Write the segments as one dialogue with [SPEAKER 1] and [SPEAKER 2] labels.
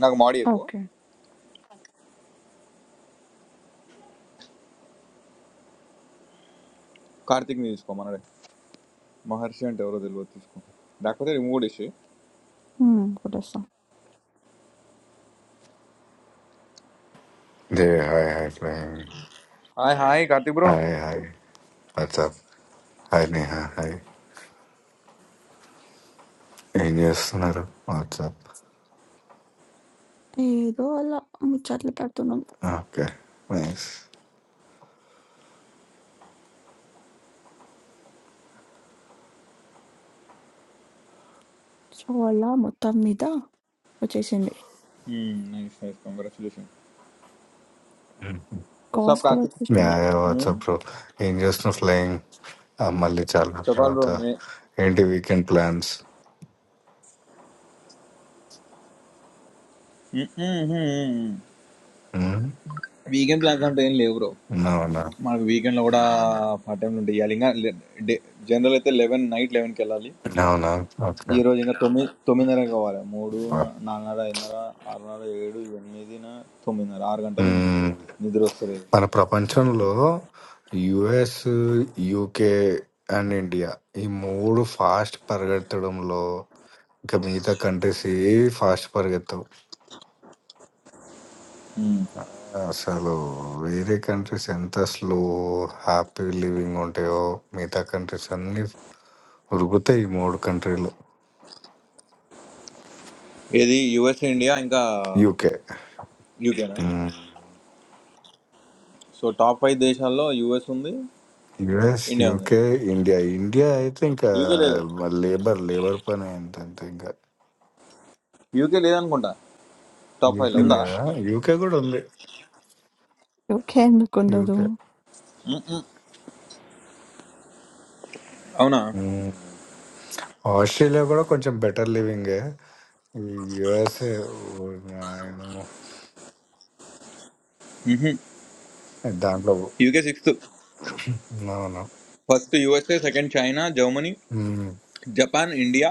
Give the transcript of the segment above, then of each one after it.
[SPEAKER 1] నాకు మాడి ఎక్కువ
[SPEAKER 2] ఓకే.
[SPEAKER 1] కార్తిక్ని తీసుకో మనడే మహర్షి అంటే ఎవరో తెలియదు తీసుకో లేకపోతే రిమూవ్ చేసి
[SPEAKER 2] హ్మ్. కొట్టేస్తాం.
[SPEAKER 3] Dev hi hi flying
[SPEAKER 1] hi hi Karthik bro
[SPEAKER 3] hi hi what's up hi Neha hi ఏం చేస్తున్నారు వాట్సాప్
[SPEAKER 2] ఏదో అలా ముచ్చట్లు పెడుతున్నాం.
[SPEAKER 3] ఓకే నైస్
[SPEAKER 2] సో, అలా మొత్తం మీద వచ్చేసింది.
[SPEAKER 1] నైస్ నైస్ కంగ్రాచులేషన్
[SPEAKER 2] కాస్ట్
[SPEAKER 1] వస్తాప్
[SPEAKER 2] కూడా
[SPEAKER 1] కార్తిక్
[SPEAKER 3] యా
[SPEAKER 2] వచ్చేసింది.
[SPEAKER 3] యా
[SPEAKER 1] Hmm,
[SPEAKER 3] వాట్సాప్ బ్రో ఏం చేస్తున్నారు ఫ్లైంగ్ మళ్ళీ చాలా
[SPEAKER 1] చెప్పాలి బ్రో
[SPEAKER 3] తర్వాత
[SPEAKER 1] నే
[SPEAKER 3] ఏంటి వీకెండ్ ప్లాన్స్
[SPEAKER 1] వీకెండ్ ప్లాన్స్ అంటే ఏం లేవు బ్రో
[SPEAKER 3] అవునా
[SPEAKER 1] మనకు వీకెండ్లో కూడా పార్ట్ టైంలు ఉంటాయి ఇవాళ ఇంకా డే జనరల్ అయితే లెవెన్ నైట్ లెవెన్కి వెళ్ళాలి
[SPEAKER 3] అవునా ఓకే
[SPEAKER 1] ఈ రోజు ఇంకా తొమ్మిది తొమ్మిదిన్నర కావాలి మూడు నాలుగున్నర ఐదున్నర ఆరున్నర ఏడు ఎనిమిదిన తొమ్మిదిన్నర ఆరు గంటలు ఉన్నాయి
[SPEAKER 3] మ్మ్.
[SPEAKER 1] నిద్ర వస్తలేదు
[SPEAKER 3] మన ప్రపంచంలో యుఎస్ యూకే అండ్ ఇండియా ఈ మూడు ఫాస్ట్ పరిగెత్తడంలో ఇంకా మిగతా కంట్రీస్ ఏ ఫాస్ట్ పరిగెత్తవు
[SPEAKER 1] ఉమ్.
[SPEAKER 3] ఆ! అసలు వేరే కంట్రీస్ ఎంత స్లో, హ్యాపీ లివింగ్ ఉంటాయో, మిగతా కంట్రీస్ అన్నీ ఉరుకుతాయి ఈ 3 కంట్రీలు.
[SPEAKER 1] ఇది యుఎస్ ఇండియా ఇంకా
[SPEAKER 3] యూకే.
[SPEAKER 1] యూకేనా
[SPEAKER 3] హ్మ్.
[SPEAKER 1] సో టాప్ ఫైవ్ దేశాల్లో యుఎస్ ఉంది
[SPEAKER 3] యూఎస్,
[SPEAKER 1] ఇండియా ఉంది
[SPEAKER 3] యూకే, ఇండియా. ఇండియా అయితే ఇంకా
[SPEAKER 1] యూకే లేదు
[SPEAKER 3] లేబర్, లేబర్ పనే ఎంతంటే ఇంకా.
[SPEAKER 1] యూకే లేదనుకుంటా టాప్ ఫైవ్లో
[SPEAKER 3] యూకే
[SPEAKER 2] హ్మ్.
[SPEAKER 1] ఉందా
[SPEAKER 3] లేదా? యూకే గూడా ఉంది.
[SPEAKER 2] యూకే ఎందుకుండదు?
[SPEAKER 3] యూకే.
[SPEAKER 1] మ్, అవునా
[SPEAKER 3] హ్మ్. ఆస్ట్రేలియా గూడా కొంచెం బెటర్ లివింగే. ఈ యూఎస్‌ఏ ఓరి నాయనో! దాంట్లో
[SPEAKER 1] యూకే సిక్స్త్
[SPEAKER 3] అవును.
[SPEAKER 1] First USA second China Germany
[SPEAKER 3] హ్మ్.
[SPEAKER 1] జపాన్ ఇండియా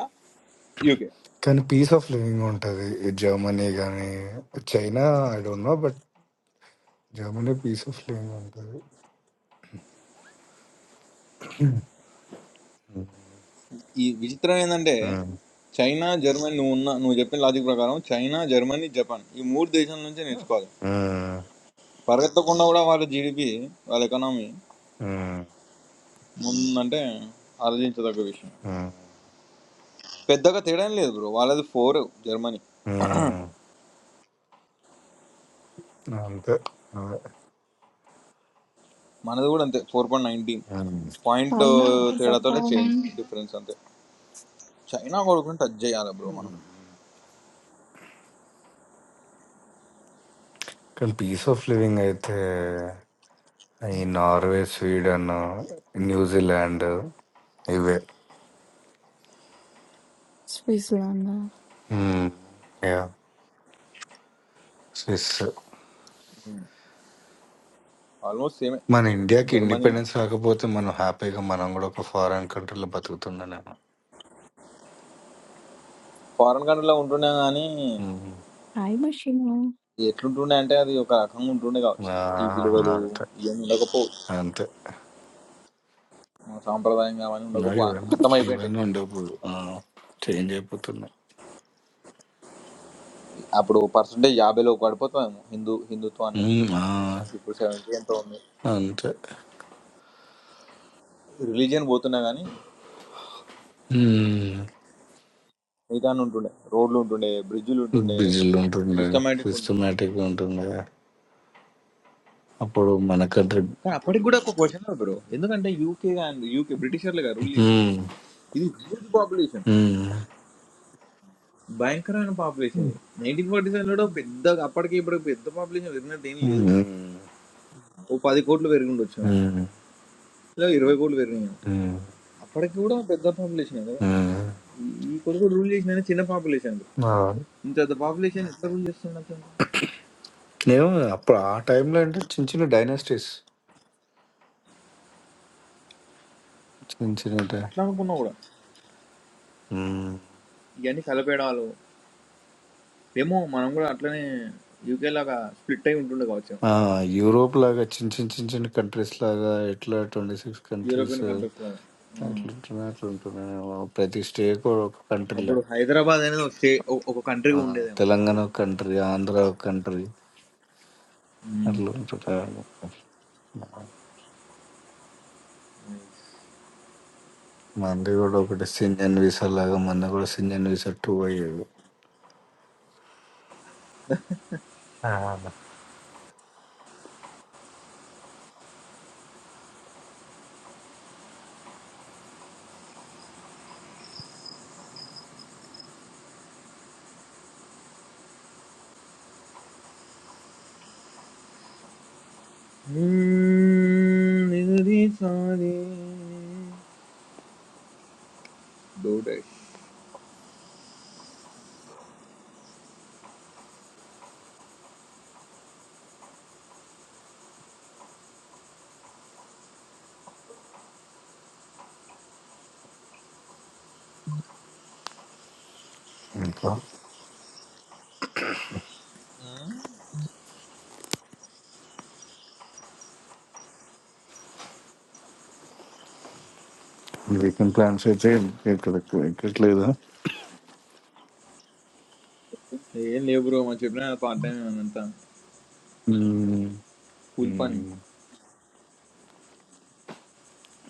[SPEAKER 1] యూకే
[SPEAKER 3] కానీ పీస్ ఆఫ్ లివింగ్ ఉంటుంది జర్మనీ కానీ China I don't know but Germany peace of living ఉంటుంది
[SPEAKER 1] ఈ విచిత్రం ఏంటంటే చైనా జర్మనీ నువ్వు ఉన్న నువ్వు చెప్పిన లాజిక్ ప్రకారం చైనా జర్మనీ జపాన్ ఈ మూడు దేశాల నుంచే నేర్చుకోవాలి పరిగెత్తకుండా కూడా వాళ్ళ జీడిపి వాళ్ళ ఎకనామీ ముందంటే ఆలోచించదగ్గ విషయం పెద్దగా తేడా ఏం లేదు బ్రో వాళ్ళది ఫోర్ జర్మనీ
[SPEAKER 3] అంతే అదే.
[SPEAKER 1] మనది కూడా అంతే ఫోర్ పాయింట్ నైన్టీన్
[SPEAKER 3] ఉమ్.
[SPEAKER 1] పాయింట్
[SPEAKER 2] చైనా,
[SPEAKER 1] తేడాతోనే
[SPEAKER 2] జపాన్,
[SPEAKER 1] చేంజ్ డిఫరెన్స్ అంతే చైనా కొడుకుని టచ్ చేయాలి బ్రో మనం
[SPEAKER 3] కానీ పీస్ ఆఫ్ లివింగ్ అయితే ఈ నార్వే స్వీడన్ న్యూజిలాండ్ ఇవే
[SPEAKER 2] స్విట్జర్లాండ్,
[SPEAKER 3] మ్మ్. యా స్విస్
[SPEAKER 1] ఆల్మోస్ట్ సేమే
[SPEAKER 3] మన ఇండియాకి
[SPEAKER 1] జర్మనీ
[SPEAKER 3] ఇండిపెండెన్స్ రాకపోతే మనం హ్యాపీగా మనం కూడా ఒక ఫారెన్ కంట్రీలో బతుకుతున్నానేమో
[SPEAKER 1] ఫారెన్ కంట్రీలో ఉంటుండే కానీ
[SPEAKER 3] మ్మ్.
[SPEAKER 2] టైమ్ మెషిన్,
[SPEAKER 1] ఎట్లుంటుండే అంటే అది ఒక రకంగా ఉంటుండే కావచ్చు ఈ విలువలు
[SPEAKER 3] ఆ,
[SPEAKER 1] ఇవన్నీ ఉండకపోవు
[SPEAKER 3] అంతే
[SPEAKER 1] మన సాంప్రదాయంగా అవన్నీ
[SPEAKER 3] ఇంకా
[SPEAKER 1] ఉండకపో
[SPEAKER 3] ఇవన్నీ
[SPEAKER 1] అంతమైపోయింటాయి
[SPEAKER 3] ఇవన్నీ ఉండవు ఆ, చేంజ్ అయిపోతున్నాయి
[SPEAKER 1] అప్పుడు పర్సంటేజ్ యాభైలో పడిపోతుందేమో హిందూ హిందుత్వం అనేది
[SPEAKER 3] ఉమ్, ఆ,
[SPEAKER 1] ఇప్పుడు సెవెంటీ ఎంతో ఉంది
[SPEAKER 3] అంతే
[SPEAKER 1] రిలీజియన్ పోతున్నా కానీ ఏదాన్ని ఉంటుండే రోడ్లు ఉంటుండే బ్రిడ్జ్లు ఉంటుండే
[SPEAKER 3] బిజీలు ఉంటుండే
[SPEAKER 1] సిస్టమేటిక్ ఉంటుండే
[SPEAKER 3] సిస్టమేటిక్ ఉంటుండే అప్పుడు మనకంటే
[SPEAKER 1] కానీ అప్పటికి కూడా ఒక క్వశ్చన్ బ్రో ఎందుకంటే యూకే అండ్ యూకే బ్రిటిషర్లుగా రూల్ చేసింది
[SPEAKER 3] ఉమ్,
[SPEAKER 1] ఇది హ్యూజ్ పాపులేషన్
[SPEAKER 3] ఉమ్,
[SPEAKER 1] భయంకరమైన పాపులేషన్
[SPEAKER 3] ఉమ్,
[SPEAKER 1] ఇది నైన్టీన్ ఫార్టీ సెవెన్లో పెద్ద అప్పటికి ఇప్పుడు పెద్ద పాపులేషన్ పెరిగినట్టు ఏం లేదు
[SPEAKER 3] ఉమ్,
[SPEAKER 1] ఓ పది కోట్లు పెరిగిండి వచ్చాము లేదా ఇరవై కోట్లు పెరిగినాము
[SPEAKER 3] ఉమ్, ఉమ్.
[SPEAKER 1] అప్పటికి కూడా పెద్ద పాపులేషన్ కదా ఈ ఈ కొడుకు రూల్ చేసిన చిన్న పాపులేషన్
[SPEAKER 3] ఆ,
[SPEAKER 1] ఇంత పాపులేషన్ ఎట్లా రూల్ చేస్తున్నట్టు
[SPEAKER 3] నేను అప్పుడు ఆ టైంలో అంటే చిన్న చిన్న డైనాసిటీస్ చిన్న
[SPEAKER 1] అట్లా అనుకున్నా కూడా
[SPEAKER 3] చిన్న
[SPEAKER 1] ఇవన్నీ కలపేడాలు ఏమో మనం కూడా అట్లనే యూకే లాగా స్ప్లిట్ అయి ఉంటుండే కావచ్చు
[SPEAKER 3] ఆ, యూరోప్ లాగా చిన్న చిన్న చిన్న చిన్న కంట్రీస్ లాగా ఎట్లా twenty six countries
[SPEAKER 1] European countries లాగా ఉమ్.
[SPEAKER 3] అట్లా ఉంటున్నాయి అట్లా ఉంటున్నాయి ప్రతి స్టేట్ కూడా ఒక కంట్రీ
[SPEAKER 1] అప్పుడు
[SPEAKER 3] లాగా
[SPEAKER 1] హైదరాబాద్ అనేది ఒక స్టే ఒక ఒక
[SPEAKER 3] ఆ,
[SPEAKER 1] కంట్రీగా ఉండేదేమో
[SPEAKER 3] తెలంగాణ
[SPEAKER 1] వావ్
[SPEAKER 3] ఒక కంట్రీ ఆంధ్ర ఒక కంట్రీ
[SPEAKER 1] ఉమ్.
[SPEAKER 3] అట్లా ఉంటున్నారు మంది కూడా ఒకటి సింజన్ వీసా లాగా మంది కూడా సింజన్ వీసా టూ అయ్యేది ఆ,
[SPEAKER 1] ఉమ్, ఇది సారీ. డౌటేష్.
[SPEAKER 3] ఇంకా వీకెండ్ ప్లాన్స్ అయితే ఇక్కడ ఎక్కట్లేదు
[SPEAKER 1] ఏం లేవు బ్రో మనం చెప్పిన పార్ట్ టైం అంతా
[SPEAKER 3] ఉమ్,
[SPEAKER 1] కూల్ పని
[SPEAKER 3] ఉమ్.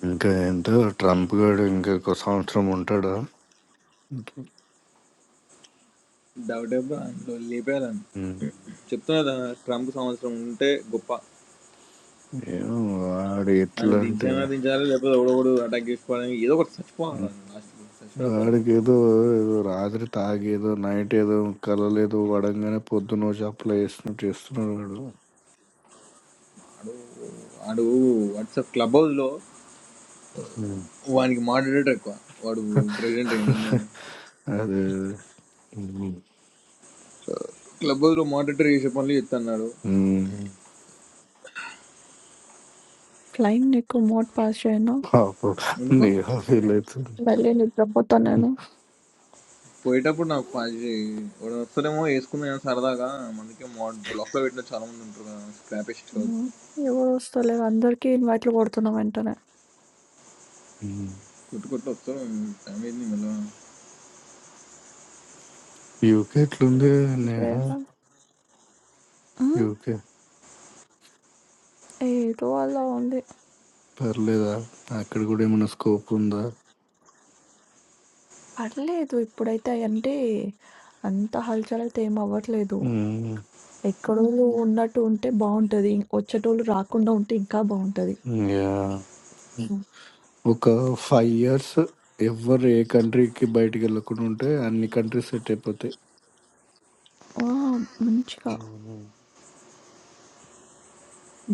[SPEAKER 3] ఇంకా ఏంటో ట్రంప్ గారు ఇంకొక సంవత్సరం ఉంటాడా
[SPEAKER 1] డౌటే బ్రో అందులో లేపేయాలని
[SPEAKER 3] ఉమ్.
[SPEAKER 1] చెప్తున్నా కదా ట్రంప్ సంవత్సరం ఉంటే గొప్ప
[SPEAKER 3] ఏం వాడు
[SPEAKER 1] ఆయన
[SPEAKER 3] ఎట్లంటే
[SPEAKER 1] దించానా దించాలి లేకపోతే ఎవడో ఒకడు అటాక్ చేసుకోవాలని ఏదో ఒకటి
[SPEAKER 3] ఉమ్,
[SPEAKER 1] చచ్చిపోవాలి లాస్ట్ చచ్చిపోయిన పర్లేదు
[SPEAKER 3] వాడికేదో ఏదో ఏదో రాత్రి తాగేదో నైట్ ఏదో కలలేదో పడంగానే పొద్దున వచ్చి అప్లై చేస్తున్నట్టు చేస్తున్నాడు వాడు
[SPEAKER 1] వాడు వాడు వాట్సాప్ క్లబ్ హౌస్లో
[SPEAKER 3] ఉమ్.
[SPEAKER 1] వానికి మాడరేటర్ ఎక్కువ వాడు ప్రెసిడెంట్ ఏంటి
[SPEAKER 3] అదే ఉమ్.
[SPEAKER 1] క్లబ్ హౌస్లో మాడరేటర్ చేసే పనులు చేస్తున్నాడు
[SPEAKER 3] ఉమ్,
[SPEAKER 2] ఫ్లయింగ్ నీకు మోడ్ పాస్ చేయను.
[SPEAKER 3] పాపం
[SPEAKER 1] ఎందుకు
[SPEAKER 3] నేహా ఫీల్ అవుతుంది
[SPEAKER 2] మళ్ళీ నిద్రపోతా నేను.
[SPEAKER 1] పోయేటప్పుడు నాకు కాల్ చేయి వాడు వస్తారేమో వేసుకుందాం ఏమో సరదాగా మనకి మాడ్ బ్లాక్లో పెట్టిన చాలా మంది ఉంటారు కదా స్క్రాపెస్ట్ కాదు
[SPEAKER 2] హ్మ్. ఎవరు వస్తలేరు. అందరికీ ఇన్వైట్లు కొడుతున్నా వెంటనే.
[SPEAKER 3] ఉమ్.
[SPEAKER 1] కొట్టు కొట్టు వస్తారు టైం అయింది మళ్ళీ
[SPEAKER 3] యూకే ఎట్లుంది నేహా
[SPEAKER 2] పేపర్ హ్మ్.
[SPEAKER 3] యూకే
[SPEAKER 2] ఏదో అలా ఉంది.
[SPEAKER 3] పర్లేదా అక్కడ కూడా ఏమైనా స్కోప్ ఉందా
[SPEAKER 2] పర్లేదు ఇప్పుడైతే అంటే అంత హల్చల్ అయితే ఏమి అవ్వట్లేదు.
[SPEAKER 3] ఉమ్,
[SPEAKER 2] ఎక్కడోళ్ళు ఉన్నట్టు ఉంటే బావుంటది. వచ్చేటోళ్ళు రాకుండా ఉంటే ఇంకా బావుంటది.
[SPEAKER 3] యా
[SPEAKER 2] హ్మ్.
[SPEAKER 3] ఒక ఫైవ్ ఇయర్స్ ఎవ్వరు ఏ కంట్రీకి బయటికి వెళ్ళకుండా ఉంటే అన్ని కంట్రీస్ సెట్ అయిపోతాయి
[SPEAKER 2] ఆ! మంచిగా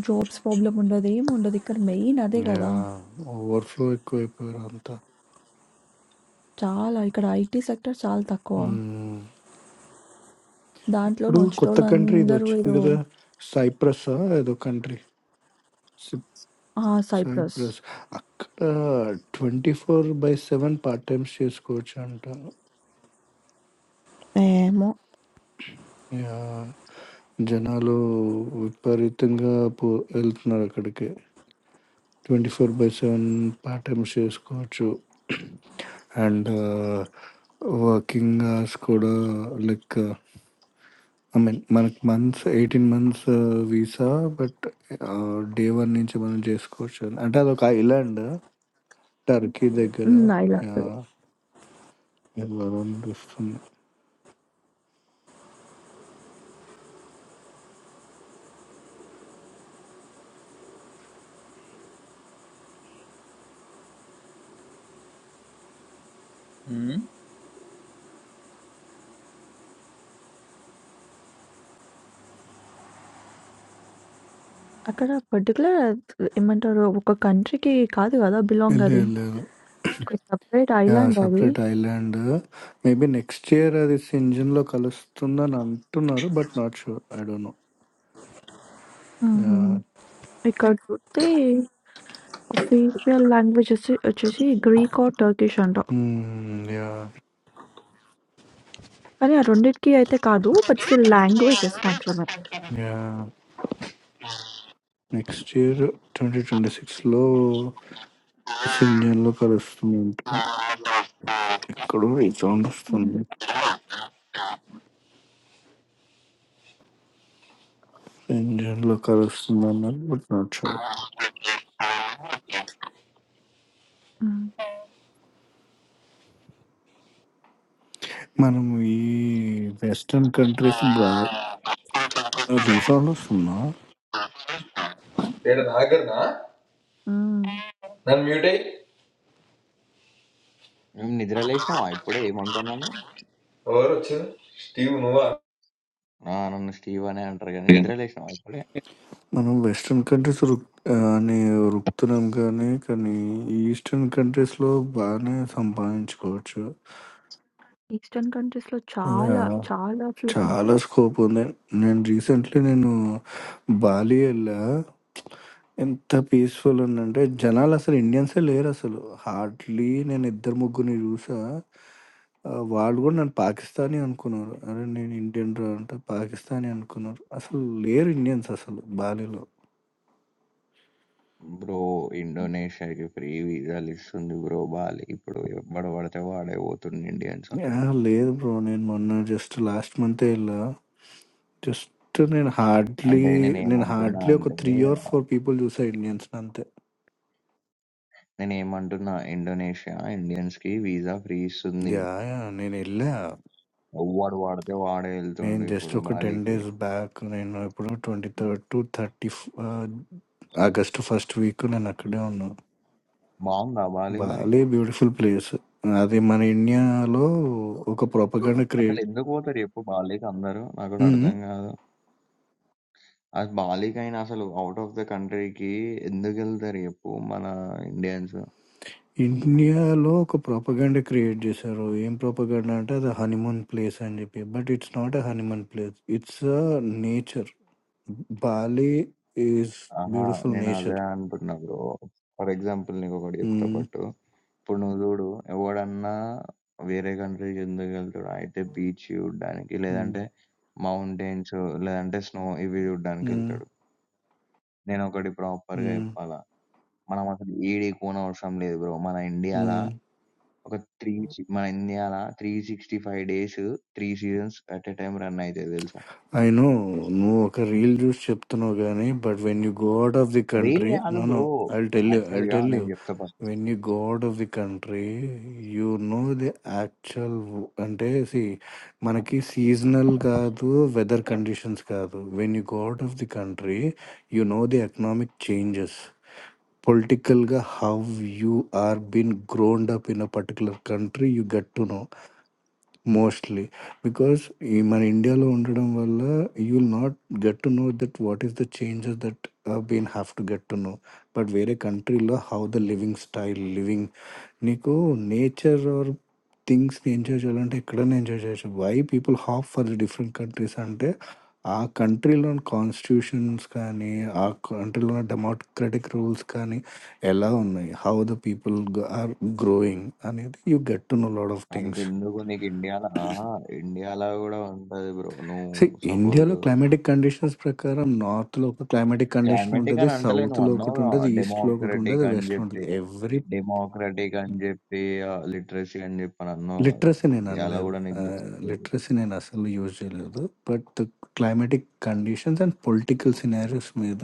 [SPEAKER 2] జాబ్స్ ప్రాబ్లమ్ ఉండదు. ఏముండదు. ఇక్కడ మెయిన్ అదే గదా!
[SPEAKER 3] యా ఓవర్ఫ్లో ఎక్కువ అయిపోయారు అంతా
[SPEAKER 2] చాలా ఇక్కడ ఐటీ సెక్టర్ చాలా తక్కువ.
[SPEAKER 3] మ్మ్.
[SPEAKER 2] దాంట్లోనే
[SPEAKER 3] ఇప్పుడు కొత్త కంట్రీ ఇది
[SPEAKER 2] వచ్చేటోళ్ళందరూ
[SPEAKER 3] వచ్చింది
[SPEAKER 2] ఏదో
[SPEAKER 3] కదా సైప్రస్ ఏదో కంట్రీ
[SPEAKER 2] ఆ! సైప్రస్
[SPEAKER 3] సైప్రస్ అక్కడ twenty four by seven part times చేసుకోవచ్చు అంట
[SPEAKER 2] ఏమో
[SPEAKER 3] యా జనాలు విపరీతంగా పో వెళ్తున్నారు అక్కడికి twenty four by seven part time చేసుకోవచ్చు అండ్ వర్కింగ్ అవర్స్ కూడా లైక్ ఐ మీన్ మనకి months eighteen months visa but day one నుంచి మనం చేసుకోవచ్చు అంటే అదొక ఐలాండ్ టర్కీ దగ్గర
[SPEAKER 2] హ్మ్.
[SPEAKER 3] Yeah,
[SPEAKER 2] Ireland.
[SPEAKER 3] వెళ్ళాలని వస్తుంది
[SPEAKER 1] ఉమ్.
[SPEAKER 2] అక్కడ పర్టిక్యులర్ ఏమంటారు ఒక కంట్రీకి కాదు గదా! బిలాంగ్
[SPEAKER 3] వెళ్ళే
[SPEAKER 2] అది.
[SPEAKER 3] వెళ్ళారు
[SPEAKER 2] ఒక సెపరేట్
[SPEAKER 3] యా
[SPEAKER 2] ఐలాండ్ అది.
[SPEAKER 3] Separate island maybe next year అది సింజన్ లో కలుస్తుందని అంటున్నారు but not sure I don't know
[SPEAKER 2] హుహు.
[SPEAKER 3] యా
[SPEAKER 2] ఇక్కడ చూస్తే అఫీషియల్ లాంగ్వేజ్ వచ్చే వచ్చేసి గ్రీక్ ఆర్ టర్కిష్ అంట.
[SPEAKER 3] యా
[SPEAKER 2] కానీ ఆ రెండిటికి అయితే కాదు. బట్ స్టిల్ లాంగ్వేజెస్ మాత్రమే.
[SPEAKER 3] యాహ్! నెక్స్ట్ ఇయర్ 2026లో సింజన్‌లో కలుస్తుందంట. ఎక్కడో ఈ సౌండ్
[SPEAKER 2] హ్మ్.
[SPEAKER 3] వస్తుంది. సింజన్‌లో కలుస్తుందన్నారు బట్ నాట్ షూర్.
[SPEAKER 2] హ్మ్.
[SPEAKER 3] మనం ఈ వెస్టర్న్ కంట్రీస్ బా అది ఈ సౌండ్ వస్తుందా?
[SPEAKER 1] ఏడ నా దగ్గరనా
[SPEAKER 2] హ్మ్.
[SPEAKER 1] నన్ను మ్యూట్ అయ్యి
[SPEAKER 4] నువ్వు నిద్ర లేచినావా ఇప్పుడే ఏమంటున్నాను
[SPEAKER 1] ఎవరు వచ్చింది స్టీవ్ నువ్వా
[SPEAKER 4] ఆ, నన్ను స్టీవ్ అనే అంటారు కానీ
[SPEAKER 2] హ్మ్.
[SPEAKER 4] నిద్ర లేచినావా ఇప్పుడే
[SPEAKER 3] మనం వెస్టర్న్ కంట్రీస్ రుక్ ఆహ్, అని రుకుతున్నాం కానీ, కానీ ఈస్టర్న్ కంట్రీస్‌లో బానే సంపాదించుకోవచ్చు.
[SPEAKER 2] ఈస్టర్న్ కంట్రీస్‌లో చాలా,
[SPEAKER 3] యాహ్!
[SPEAKER 2] చాలా అసలు
[SPEAKER 3] చాలా స్కోప్ ఉంది నేను రీసెంట్లీ నేను బాలి వెళ్ళా ఎంత పీస్ఫుల్ ఉందంటే జనాలు అసలు ఇండియన్సే లేరు అసలు హార్డ్లీ నేను ఇద్దరు ముగ్గురిని చూసా ఆ, వాళ్ళు కూడా నన్ను పాకిస్తానీ అనుకున్నారు అరే నేను ఇండియన్ రా అంటే పాకిస్తానీ అనుకున్నారు అసలు లేరు ఇండియన్స్ అసలు బాలీలో
[SPEAKER 4] బ్రో ఇండోనేషియాకి ఫ్రీ వీసాలు ఇస్తుంది బ్రో బాలి ఇప్పుడు ఎవడు పడితే వాడే పోతుంది ఇండియన్స్
[SPEAKER 3] ఆ,
[SPEAKER 4] అక్కడికి
[SPEAKER 3] లేదు బ్రో నేను మొన్న జస్ట్ లాస్ట్ మంతే వెళ్ళా జస్ట్ నేను హార్డ్లీ
[SPEAKER 4] అంటే నేను
[SPEAKER 3] నేను
[SPEAKER 4] ఏమంటున్నా
[SPEAKER 3] హార్డ్లీ ఒక
[SPEAKER 4] అంటే
[SPEAKER 3] త్రీ ఆర్ ఫోర్ పీపుల్ చూసా ఇండియన్స్ అంతే
[SPEAKER 4] నేను ఏమంటున్నా ఇండోనేషియా ఇండియన్స్ కి వీసా ఫ్రీ ఇస్తుంది
[SPEAKER 3] యాహ్! యాహ్! నేనెళ్ళా.
[SPEAKER 4] ఎవడు వాడితే వాడే
[SPEAKER 3] నేను
[SPEAKER 4] వెళ్తుండు
[SPEAKER 3] జస్ట్
[SPEAKER 4] ఇప్పుడు
[SPEAKER 3] ఒక 10
[SPEAKER 4] బాలికి
[SPEAKER 3] డేస్ బ్యాక్ నేను ఎప్పుడో 23 టు 30 ఫ్ ఆహ్, ఆగస్ట్ ఫస్ట్ వీక్ నేనక్కడే ఉన్నా.
[SPEAKER 4] బాగుందా బాలి మరి
[SPEAKER 3] బాలే బ్యూటిఫుల్ ప్లేస్. అది మన ఇండియాలో ఒక ప్రొపగండ
[SPEAKER 4] అసలు
[SPEAKER 3] క్రియేట్
[SPEAKER 4] ఎందుకు పోతారు చెప్పు బాలికి అందరూ నాకు కూడా
[SPEAKER 3] హ్మ్. హ్మ్.
[SPEAKER 4] అర్థం కాదు అది బాలీకైనా అసలు ఔట్ ఆఫ్ ద కంట్రీకి ఎందుకెళ్తారు చెప్పు మన ఇండియన్స్?
[SPEAKER 3] ఇండియాలో ఒక ప్రొపగండ క్రియేట్ జేశారు. ఏం ప్రొపగండ అంటే అది హనీమూన్ ప్లేస్ అని జెప్పి. But it's not a honeymoon place. It's a nature. Bali is
[SPEAKER 4] ఆహా!
[SPEAKER 3] బ్యూటిఫుల్
[SPEAKER 4] నేనదే
[SPEAKER 3] నేచర్.
[SPEAKER 4] అంటున్నా బ్రో. ఫర్ ఎగ్జాంపుల్ నీకొకటి చెప్తా
[SPEAKER 3] హ్మ్.
[SPEAKER 4] పట్టు. ఇప్పుడు నువ్వు జూడు ఎవడన్నా వేరే కంట్రీకి ఎందుకెళ్తాడు? అయితే బీచ్ చూడడానికి,
[SPEAKER 3] హ్మ్.
[SPEAKER 4] లేదంటే మౌంటైన్స్, లేదంటే స్నో ఇవి
[SPEAKER 3] హ్మ్.
[SPEAKER 4] చూడడానికెళ్తాడు. నేనొకటి ప్రాపర్‌గా
[SPEAKER 3] హ్మ్.
[SPEAKER 4] చెప్పాలా, మనం అసలు ఏడికి పోనవసరం లేదు బ్రో. మన ఇండియాల
[SPEAKER 3] హ్మ్.
[SPEAKER 4] ఒక త్రీ సి మన ఇండియాల 365 days, 3 seasons at a time run అయితాయి తెలుసా?
[SPEAKER 3] ఐ నో నువ్వు ఒక రీల్ చూసి చెప్తున్నావు కానీ but when you go out of the
[SPEAKER 4] reel
[SPEAKER 3] country
[SPEAKER 4] కాదు
[SPEAKER 3] no no
[SPEAKER 4] bro.
[SPEAKER 3] I tell you I
[SPEAKER 4] యాక్చువల్‌గా
[SPEAKER 3] టెల్ యూ
[SPEAKER 4] నేను చెప్తా first.
[SPEAKER 3] When you go out of the country you know the actual అంటే see మనకి seasonal కాదు weather conditions కాదు when you go out of the country you know the economic changes పొలిటికల్గా how you are been grown up in a particular country you got to know mostly because ఈ మన ఇండియాలో ఉండడం వల్ల you will not get to know that what is the changes that been have to get to know but వేరే కంట్రీలో how the living style living నీకు nature or థింగ్స్ని enjoy చేయాలంటే ఎక్కడైనా ఎంజాయ్ చేయొచ్చు why people hop for the different countries అంటే ఆ కంట్రీలోని constitutions కానీ ఆ కంట్రీలో డెమోక్రటిక్ రూల్స్ కానీ ఎలా ఉన్నాయి how the people are growing అనేది you get to know lot of things
[SPEAKER 4] అంతెందుకు నీకు ఇండియా‌ల అహా! ఇండియా‌ల గూడా ఉంటది బ్రో. నువ్వు
[SPEAKER 3] సీ
[SPEAKER 4] సపోజ్
[SPEAKER 3] ఇండియాలో క్లైమాటిక్ కండిషన్స్ ప్రకారం నార్త్‌లో ఒక క్లైమాటిక్ కండిషన్
[SPEAKER 4] క్లైమాటిక్
[SPEAKER 3] ఉంటది.
[SPEAKER 4] అని అంటలేను.
[SPEAKER 3] సౌత్‌లో ఒకటి
[SPEAKER 4] అన్నావుగా
[SPEAKER 3] ఉంటది. ఈస్ట్‌లో ఒకటి ఉంటది.
[SPEAKER 4] డెమోక్రటిక్ అని
[SPEAKER 3] వెస్ట్‌లో ఉంటది.
[SPEAKER 4] జెప్పి.
[SPEAKER 3] ఎవ్రీ
[SPEAKER 4] డెమోక్రటిక్ అని జెప్పి ఆహ్, లిటరసీ అని జెప్పి అని అన్నావు గదా!
[SPEAKER 3] లిటరసీ నేను
[SPEAKER 4] ఇండియా‌ల
[SPEAKER 3] అనలేదు.
[SPEAKER 4] గూడా నీకు
[SPEAKER 3] ఆహ్,
[SPEAKER 4] దొరుకుతది.
[SPEAKER 3] లిటరసీ నేను అసలు యూజ్ చేయలేదు. But climatic conditions and political scenarios మీద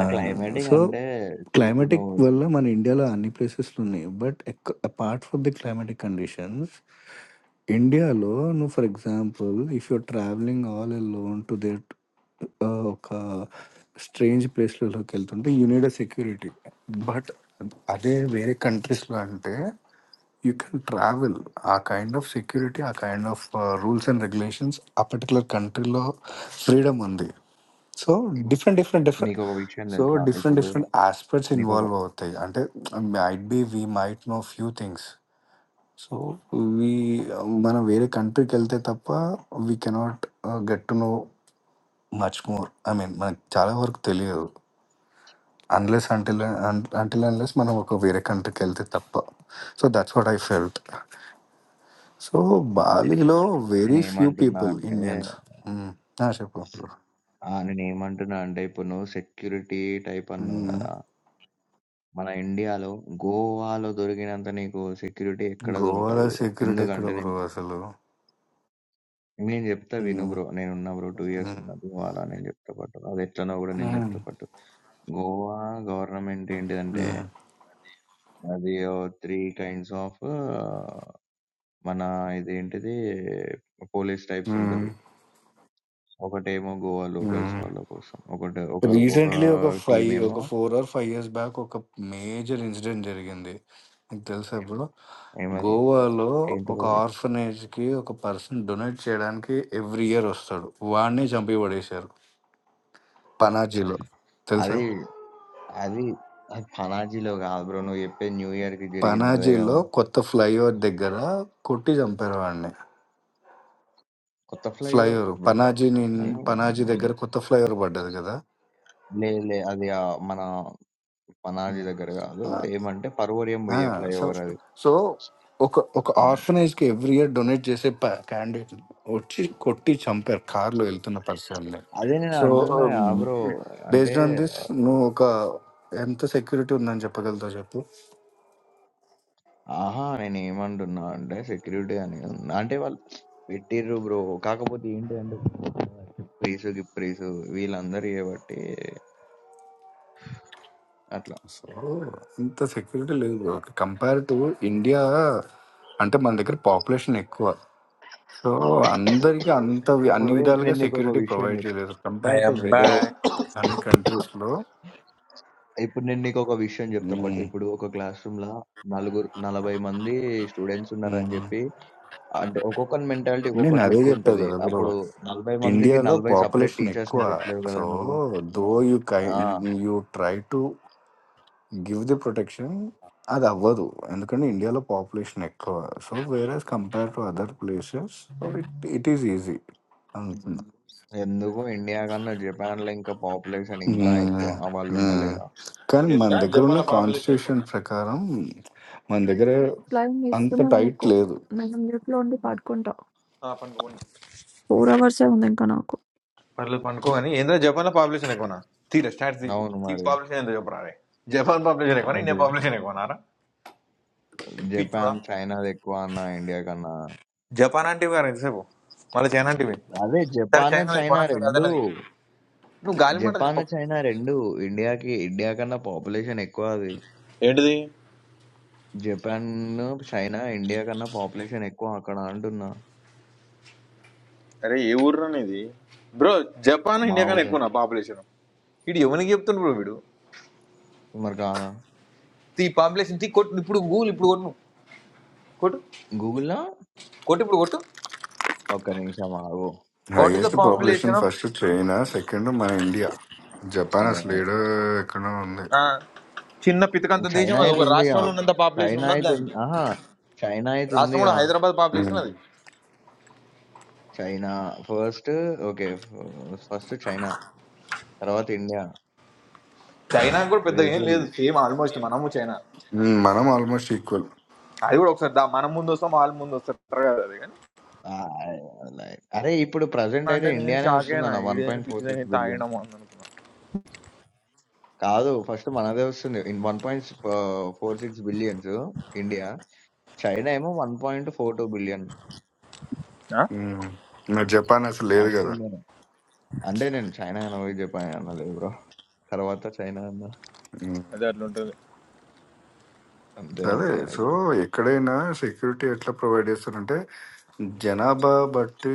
[SPEAKER 4] ఆ క్లైమాటిక్
[SPEAKER 3] సో
[SPEAKER 4] అంటే సీ ఇప్పుడు
[SPEAKER 3] క్లైమాటిక్
[SPEAKER 4] నువ్వు
[SPEAKER 3] వల్ల మన ఇండియాలో అన్ని ప్లేసెస్‌లో ఉన్నాయి. బట్ ఎక్ apart from the climatic conditions, ఇండియాలో నువ్వు for example if you're travelling all alone to that ah, ఒక స్ట్రేంజ్ ప్లేస్‌లలోకెళ్తుంటే you need a security. But అదే వేరే కంట్రీస్‌లో అంటే you can travel a kind of security a kind of uh, rules and regulations a particular country law freedom ఉంది so different different different
[SPEAKER 4] నీకొక విషయం
[SPEAKER 3] so
[SPEAKER 4] తెలుసా?
[SPEAKER 3] డిఫరెంట్
[SPEAKER 4] ఇప్పుడు
[SPEAKER 3] డిఫరెంట్ ఆస్పెక్ట్స్
[SPEAKER 4] నీకొక
[SPEAKER 3] ఇన్వాల్వ్ అవుతాయి అంటే might be we might know few things so we మనం వేరే కంట్రీకి వెళ్తే తప్ప we cannot get to know much more I mean మనకు చాలా వరకు తెలియదు అన్లెస్ అంటిల్ అంటిల్ అన్లెస్ మనం ఒక వేరే కంట్రీకి వెళ్తే తప్ప so that's what I felt so బాలీలో వెరీ ఫ్యూ
[SPEAKER 4] నేనేమంటున్నా
[SPEAKER 3] పీపుల్
[SPEAKER 4] అంటే
[SPEAKER 3] ఇండియన్స్ మ్మ్. ఆ, చెప్పు బ్రో
[SPEAKER 4] ఆ! నేనేమంటున్నా అంటే ఇప్పుడు నువ్వు సెక్యూరిటీ టైప్ అన్నావు
[SPEAKER 3] మ్మ్.
[SPEAKER 4] గదా! మన ఇండియాలో గోవాలో దొరికినంత నీకు సెక్యూరిటీ ఎక్కడ దొరకదు
[SPEAKER 3] గోవాలో
[SPEAKER 4] బ్రో.
[SPEAKER 3] సెక్యూరిటీ ఎక్కడ
[SPEAKER 4] ఎందుకంటే నేను
[SPEAKER 3] బ్రో
[SPEAKER 4] చెప్తా.
[SPEAKER 3] అసలు
[SPEAKER 4] నేను చెప్తా విను
[SPEAKER 3] మ్మ్.
[SPEAKER 4] బ్రో. నేనున్నా బ్రో. 2 ఇయర్స్
[SPEAKER 3] మ్మ్.
[SPEAKER 4] ఉన్నా గోవాలో నేను చెప్తా పట్టు. అది ఎట్లనో కూడా నేను
[SPEAKER 3] మ్మ్.
[SPEAKER 4] చెప్తా పట్టు. గోవా గవర్నమెంట్ ఏంటిదంటే
[SPEAKER 3] మ్మ్.
[SPEAKER 4] అది ఓ 3 కైండ్స్ ఆఫ్ మన ఇదేంటిది పోలీస్ టైప్స్
[SPEAKER 3] మ్మ్.
[SPEAKER 4] ఉంటారు. ఒకటేమో గోవా లోకల్స్
[SPEAKER 3] మ్మ్.
[SPEAKER 4] వాళ్ళ కోసం. ఒకటి ఒక ఒక
[SPEAKER 3] రీసెంట్లీ ఒక
[SPEAKER 4] టీమ్
[SPEAKER 3] ఫైవ్
[SPEAKER 4] ఏమో
[SPEAKER 3] ఒక four or five years back ఒక మేజర్ ఇన్సిడెంట్ జరిగింది మీకు తెలుసా బ్రో
[SPEAKER 4] ఏమది
[SPEAKER 3] గోవాలో ఒక
[SPEAKER 4] ఏంటిదది?
[SPEAKER 3] ఆర్ఫనేజ్కి ఒక పర్సన్ డొనేట్ చేయడానికి ఎవ్రీ ఇయర్ వస్తాడు వాడిని చంపి పడేశారు పనాజీలో తెలుసా
[SPEAKER 4] అది అది అది అది పనాజీలో కాదు బ్రో నువ్వు చెప్పే న్యూ ఇయర్ కి జరిగింది అదే కదా
[SPEAKER 3] పనాజీలో కొత్త ఫ్లైఓవర్ దగ్గర కొట్టి చంపారు వాడిని
[SPEAKER 4] కొత్త ఫ్లైఓవర్
[SPEAKER 3] ఫ్లైఓవర్
[SPEAKER 4] బ్రో
[SPEAKER 3] పనాజీ
[SPEAKER 4] కొత్త
[SPEAKER 3] నిన్-
[SPEAKER 4] ఫ్లైఓవర్
[SPEAKER 3] పనాజీ దగ్గర
[SPEAKER 4] లేదు
[SPEAKER 3] కొత్త ఫ్లైఓవర్ పడ్డది కదా
[SPEAKER 4] లే అది ఆ మన పనాజీ
[SPEAKER 3] ఉమ్.
[SPEAKER 4] దగ్గర కాదు
[SPEAKER 3] ఆ,
[SPEAKER 4] ఏమంటే పరువరియం
[SPEAKER 3] ఆ,
[SPEAKER 4] పోయే
[SPEAKER 3] సో
[SPEAKER 4] ఫ్లైఓవర్ అది
[SPEAKER 3] సో ఒక ఒక
[SPEAKER 4] ఉమ్.
[SPEAKER 3] ఆర్ఫనైజ్ కి ఎవ్రీ ఇయర్ డొనేట్ చేసే క్యాండిడేట్ వచ్చి కొట్టి చంపారు కార్లో వెళ్తున్న పర్సన్ని
[SPEAKER 4] అదే నేను
[SPEAKER 3] సో
[SPEAKER 4] అంటున్నా బ్రో అంటే
[SPEAKER 3] బేస్డ్ ఆన్ దిస్ నువ్వు ఒక ఎంత సెక్యూరిటీ ఉందని చెప్పగలుగుతావు చెప్పు
[SPEAKER 4] ఆహా నేను ఏమంటున్నా అంటే సెక్యూరిటీ అని ఉన్నా. అంటే వాళ్ళు పెట్టిర్రు బ్రో కాకపోతే ఏంటి అంటే ప్రీసు గిప్రీసు వీళ్ళందరూ చేయబట్టి అట్లా
[SPEAKER 3] సో ఇంత సెక్యూరిటీ లేదు బ్రో కంపేర్ టు ఇండియా అంటే మన దగ్గర పాపులేషన్ ఎక్కువ సో అందరికీ అంత వి- అన్ని
[SPEAKER 4] ఇప్పుడు
[SPEAKER 3] విధాలుగా
[SPEAKER 4] నేను నీకు ఒక
[SPEAKER 3] సెక్యూరిటీ
[SPEAKER 4] విషయం
[SPEAKER 3] ప్రొవైడ్ చేయలేదు కంపేర్ టు వెదర్ అన్ని కంట్రీస్ లో
[SPEAKER 4] ఇప్పుడు నేను నీకొక విషయం చెప్తా
[SPEAKER 3] ఉమ్,
[SPEAKER 4] పట్టు. ఇప్పుడు ఒక క్లాస్ రూమ్‌ల నలుగురు 40 మంది స్టూడెంట్స్ ఉన్నారని
[SPEAKER 3] ఉమ్.
[SPEAKER 4] చెప్పి అంటే ఒక్కొక్కని మెంటాలిటీ
[SPEAKER 3] నేను
[SPEAKER 4] ఒక్కొక్కటి
[SPEAKER 3] అదే చెప్పా
[SPEAKER 4] లెక్కుంటది.
[SPEAKER 3] కదా బ్రో
[SPEAKER 4] అప్పుడు 40 మందికి
[SPEAKER 3] ఇండియాలో
[SPEAKER 4] 40 సెపరేట్
[SPEAKER 3] పాపులేషన్ ఎక్కువ
[SPEAKER 4] టీచర్స్‌ని పెట్టలేవు కదా
[SPEAKER 3] సో
[SPEAKER 4] నువ్వు.
[SPEAKER 3] దో యూ కై
[SPEAKER 4] ఆ!
[SPEAKER 3] You try to give the protection అది అవ్వదు ఎందుకంటే ఇండియాలో పాపులేషన్ ఎక్కువ సో వేరే compare to other places it it is easy
[SPEAKER 4] ఎందుకు ఇండియా కన్నా జపాన్‌లో ఇంకా పాపులేషన్ ఇంకా ఎక్కువ.
[SPEAKER 3] హ్మ్.
[SPEAKER 4] ఆ! వాళ్ళు
[SPEAKER 3] ఆ!
[SPEAKER 4] ఉంటలేరా?
[SPEAKER 3] కానీ మన
[SPEAKER 1] ఏంద్రా
[SPEAKER 3] దగ్గరున్న
[SPEAKER 1] జపాన్ లో పాపులేషన్ ఎక్కువ?
[SPEAKER 3] కాన్స్టిట్యూషన్ ప్రకారం మన దగ్గర
[SPEAKER 2] ఫ్లయింగ్
[SPEAKER 3] అంత
[SPEAKER 2] ఇస్తున్నారు
[SPEAKER 3] టైట్
[SPEAKER 2] నాకు.
[SPEAKER 3] లేదు.
[SPEAKER 2] నేను మ్యూట్‌లో ఉండి పడుకుంటా.
[SPEAKER 1] పనుకోండి
[SPEAKER 2] 4 అవర్సే ఉంది ఇంకా నాకు.
[SPEAKER 1] పర్లేదు పనుకో కానీ ఏంద్రా జపాన్ లో పాపులేషన్ ఎక్కువనా తీరా స్టార్ట్ తీ
[SPEAKER 4] అవును
[SPEAKER 1] తీ
[SPEAKER 4] మరి.
[SPEAKER 1] పాపులేషన్ ఎంత చెప్పరా రే జపాన్ పాపులేషన్ ఎక్కువనా ఇండియా
[SPEAKER 4] ఏంటిది?
[SPEAKER 1] పాపులేషన్ ఎక్కువనారా పిచ్చోడా
[SPEAKER 4] జపాన్, చైనాదెక్కువ అన్నా ఇండియా కన్నా.
[SPEAKER 1] జపాన్ అంటే గారు ఎంతసేపు మళ్ళీ చైనా అంటే
[SPEAKER 4] అదే
[SPEAKER 1] సరే
[SPEAKER 4] జపాన్,
[SPEAKER 1] చైనా
[SPEAKER 4] చైనా
[SPEAKER 1] ఎక్కువనా సరే అదన్నది
[SPEAKER 4] 2.
[SPEAKER 1] నువ్వు గాలి మాటలు
[SPEAKER 4] జపాన్,
[SPEAKER 1] చెప్పకు
[SPEAKER 4] చైనా రెండూ ఇండియాకి ఇండియా కన్నా పాపులేషన్ ఎక్కువ అది.
[SPEAKER 1] ఏంటిది
[SPEAKER 4] జపాన్, చైనా ఇండియా కన్నా పాపులేషన్ ఎక్కువ అక్కడ అంటున్నా.
[SPEAKER 1] అరే ఏ ఊరు ఇది బ్రో జపాన్
[SPEAKER 4] మా
[SPEAKER 1] ఇండియా కన్నా
[SPEAKER 4] ఊరే.
[SPEAKER 1] ఎక్కువనా పాపులేషన్ వీడు ఎవరికి చెప్తుండ్రు బ్రో వీడు
[SPEAKER 4] మరి కాదా?
[SPEAKER 1] తీ పాపులేషన్ తీ కొట్టు ఇప్పుడు గూగుల్ ఇప్పుడు కొట్టు కొట్టు
[SPEAKER 4] గూగుల్‌లో
[SPEAKER 1] కొట్టు ఇప్పుడు కొట్టు
[SPEAKER 4] ఒక్క నిమిషం ఆగు.
[SPEAKER 1] వాట్ ఇస్ ద
[SPEAKER 3] హైయెస్ట్
[SPEAKER 4] మో
[SPEAKER 3] population
[SPEAKER 1] population of
[SPEAKER 3] first China, second మన ఇండియా. జపాన్
[SPEAKER 4] మో
[SPEAKER 3] అసలు ఏడో ఎక్కడో ఉంది.
[SPEAKER 1] చిన్న పితకంత దేశం
[SPEAKER 4] చైనా
[SPEAKER 1] అది
[SPEAKER 4] అయితే
[SPEAKER 1] ఒక
[SPEAKER 4] ఉందిగా.
[SPEAKER 1] రాష్ట్రంలో ఉన్నంత పాపులేషన్
[SPEAKER 4] చైనా
[SPEAKER 1] ఉండదు
[SPEAKER 4] అయితే ఉంది.
[SPEAKER 1] దానికి
[SPEAKER 4] అహా! చైనా అయితే
[SPEAKER 1] రాష్ట్రం
[SPEAKER 4] ఉందిగా.
[SPEAKER 1] కూడా హైదరాబాద్
[SPEAKER 3] హ్మ్.
[SPEAKER 1] పాపులేషన్ అది
[SPEAKER 4] China first okay. First China. తర్వాత ఇండియా,
[SPEAKER 1] చైనా కూడా పెద్దగా ఏం
[SPEAKER 4] బ్రెజిల్.
[SPEAKER 1] లేదు సేమ్ ఆల్మోస్ట్ మనము చైనా
[SPEAKER 3] హ్మ్. మనం ఆల్మోస్ట్ ఈక్వల్.
[SPEAKER 1] అది కూడా ఒకసారి దా- మనం ముందు వస్తాం వాళ్ళు ముందు వస్తారు కదా అది కానీ
[SPEAKER 4] ఆహ్, లైక్ అరే! ఇప్పుడు ప్రెజెంట్ అయితే
[SPEAKER 1] అంటే నేను
[SPEAKER 4] ఇండియానే
[SPEAKER 1] షాక్ అయినా
[SPEAKER 4] వస్తుందన్న
[SPEAKER 1] ఈడేది
[SPEAKER 4] 1.46
[SPEAKER 1] పిచ్చిదని
[SPEAKER 4] బిలియన్.
[SPEAKER 1] తాగడము అని అనుకున్నా
[SPEAKER 4] కాదు. ఫస్ట్ మనదే వస్తుంది. In 1.46 billions India. చైనా ఏమో 1.42 బిలియన్.
[SPEAKER 1] ఆ?
[SPEAKER 3] హ్మ్. మరి జపాన్ అసలు లేదు
[SPEAKER 4] ఫస్ట్
[SPEAKER 3] కదా!
[SPEAKER 4] ఇండియానే. అంటే నేను చైనా అనబోయి జపాన్ అనలేదు బ్రో. తర్వాత చైనా అన్నా.
[SPEAKER 3] హ్మ్.
[SPEAKER 1] అదే అట్లా ఉంటుంది
[SPEAKER 4] అంతే
[SPEAKER 3] అదే
[SPEAKER 4] అది.
[SPEAKER 3] సో
[SPEAKER 4] అది
[SPEAKER 3] ఎక్కడైనా సెక్యూరిటీ ఎట్లా ప్రొవైడ్ చేస్తారంటే జనాభా బట్టి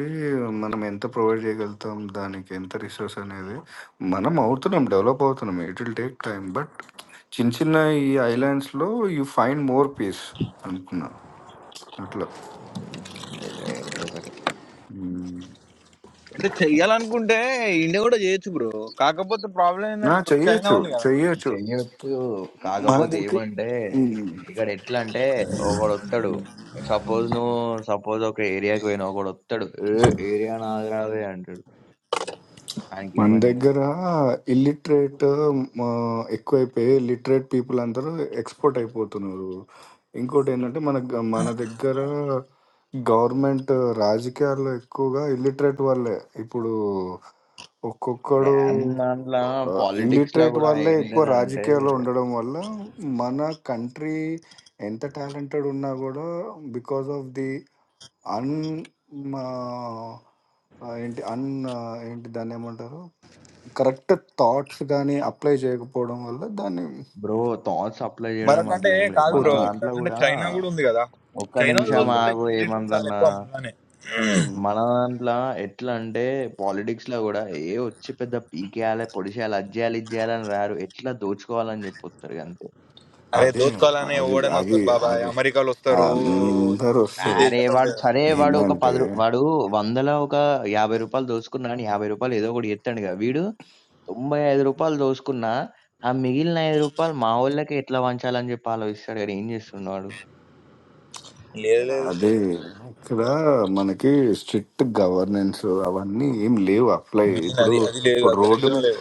[SPEAKER 3] మనం ఎంత ప్రొవైడ్ చేయగలుగుతాం దానికి ఎంత రిసోర్స్ అనేది మనం అవుతున్నాం డెవలప్ అవుతున్నాం it will take time but చిన్న చిన్న ఈ ఐలాండ్స్లో యూ ఫైండ్ మోర్ పీస్ అనుకున్నా అట్లా
[SPEAKER 4] హ్మ్. ఏదో ఏదో ఒకటి.
[SPEAKER 3] మ్మ్.
[SPEAKER 1] అంటే చెయ్యాలనుకుంటే ఇండియా కూడా చేయొచ్చు బ్రో కాకపోతే ప్రాబ్లం
[SPEAKER 3] ఆ,
[SPEAKER 1] ఏంటంటే ఇప్పుడు చైనా
[SPEAKER 3] చెయ్యొచ్చు
[SPEAKER 1] ఉంది కదా
[SPEAKER 3] చెయ్యొచ్చు
[SPEAKER 4] చెయ్యొచ్చు.
[SPEAKER 3] మన
[SPEAKER 4] కాకపోతే ఏమంటే
[SPEAKER 3] దగ్గర
[SPEAKER 4] ఇక్కడ ఎట్లా అంటే ఒకడొత్తడు. సపోజ్ నువ్వు సపోజ్ ఒక ఏరియాకి పోయినావు. ఒకడొత్తడు. ఏ ఏరియా నాది రాదే అంటాడు.
[SPEAKER 3] మన
[SPEAKER 4] ఆయనకేమని చెప్తావు?
[SPEAKER 3] దగ్గర ఇల్లిటరేట్ ఎక్కువైపోయి లిటరేట్ పీపుల్ అందరూ ఎక్స్పోర్ట్ అయిపోతున్నారు ఇంకోటి ఏంటంటే మన గ- మన దగ్గర గవర్నమెంట్ రాజకీయాల్లో ఎక్కువగా ఇల్లిటరేట్ వాళ్ళే ఇప్పుడు ఒక్కొక్కడు
[SPEAKER 4] ఏం దాంట్ల పాలిటిక్స్‌ల
[SPEAKER 3] ఇల్లిటరేట్
[SPEAKER 4] కూడా
[SPEAKER 3] వాళ్ళే ఎక్కువ రాజకీయాల్లో
[SPEAKER 4] ఏంటిదంటే
[SPEAKER 3] ఉండడం వల్ల మన కంట్రీ ఎంత టాలెంటెడ్ ఉన్నా కూడా బికాస్ ఆఫ్ ది అన్ మా- ఆ ఏంటి అన్ ఆ ఏంటి దాన్ని ఏమంటారు కరెక్ట్ థాట్స్ గాని అప్లై చేయకపోవడం వల్ల దాన్ని
[SPEAKER 4] బ్రో థాట్స్ అప్లై చేయడం అట్లా
[SPEAKER 1] మరకంటే
[SPEAKER 4] ఏం లేదు
[SPEAKER 1] కాదు
[SPEAKER 4] మన
[SPEAKER 1] బ్రో
[SPEAKER 3] పోతున్నాయి
[SPEAKER 4] దాంట్లో
[SPEAKER 1] మరకంటే
[SPEAKER 4] కూడా
[SPEAKER 1] చైనా కూడా ఉంది కదా
[SPEAKER 4] ఒక్క
[SPEAKER 1] చైనా
[SPEAKER 4] నిమిషం
[SPEAKER 3] ఉమ్,
[SPEAKER 1] ఆల్సో లైక్
[SPEAKER 4] ఆగు
[SPEAKER 1] లీటర్ చాలా
[SPEAKER 4] ఏమందన్నా
[SPEAKER 1] ఎక్కువ మనలానే
[SPEAKER 3] ఉమ్.
[SPEAKER 4] మన దాంట్లో ఎట్లా అంటే పాలిటిక్స్ లో కూడా ఏ వచ్చి పెద్ద పీకేయాలి పొడిచేయాలి అది చేయాలి ఇది చేయాలని రారు ఎట్లా దోచుకోవాలని చెప్పొస్తారు అంతే
[SPEAKER 1] అరే
[SPEAKER 3] అదే
[SPEAKER 1] దోచుకోవాలని
[SPEAKER 3] అది
[SPEAKER 1] ఎవడని
[SPEAKER 3] అది
[SPEAKER 1] వస్తారు బాబాయ్
[SPEAKER 3] అది
[SPEAKER 1] అమెరికాలో వస్తారు
[SPEAKER 3] అందరు
[SPEAKER 1] అన్ని
[SPEAKER 3] వస్తారు
[SPEAKER 4] అరే
[SPEAKER 1] దేశాల్లో
[SPEAKER 4] వాడు
[SPEAKER 1] ఉంటాయి
[SPEAKER 4] సరే వాడు ఒక
[SPEAKER 3] ఏంటంటే
[SPEAKER 4] పది రూ- వాడు వందల ఒక యాభై రూపాయలు దోచుకున్నా అని యాభై రూపాయలు ఏదో ఒకటి ఎత్తాడు కదా వీడు తొంభై ఐదు రూపాయలు దోచుకున్నా ఆ మిగిలిన ఐదు రూపాయలు మా వాళ్ళకి ఎట్లా వంచాలని చెప్పి ఆలోచిస్తాడు కానీ ఏం చేస్తున్నాడు
[SPEAKER 1] లేదు లేదు
[SPEAKER 3] అదే ఇక్కడ మనకి స్ట్రిక్ట్ గవర్నెన్స్ అవన్నీ ఏం లేవు అప్లై
[SPEAKER 1] మెయిన్
[SPEAKER 3] ఇప్పుడు
[SPEAKER 1] అది అది లేదు ఆ
[SPEAKER 3] ఇప్పుడు
[SPEAKER 1] దరిద్రం
[SPEAKER 3] రోడ్డు
[SPEAKER 1] లేదు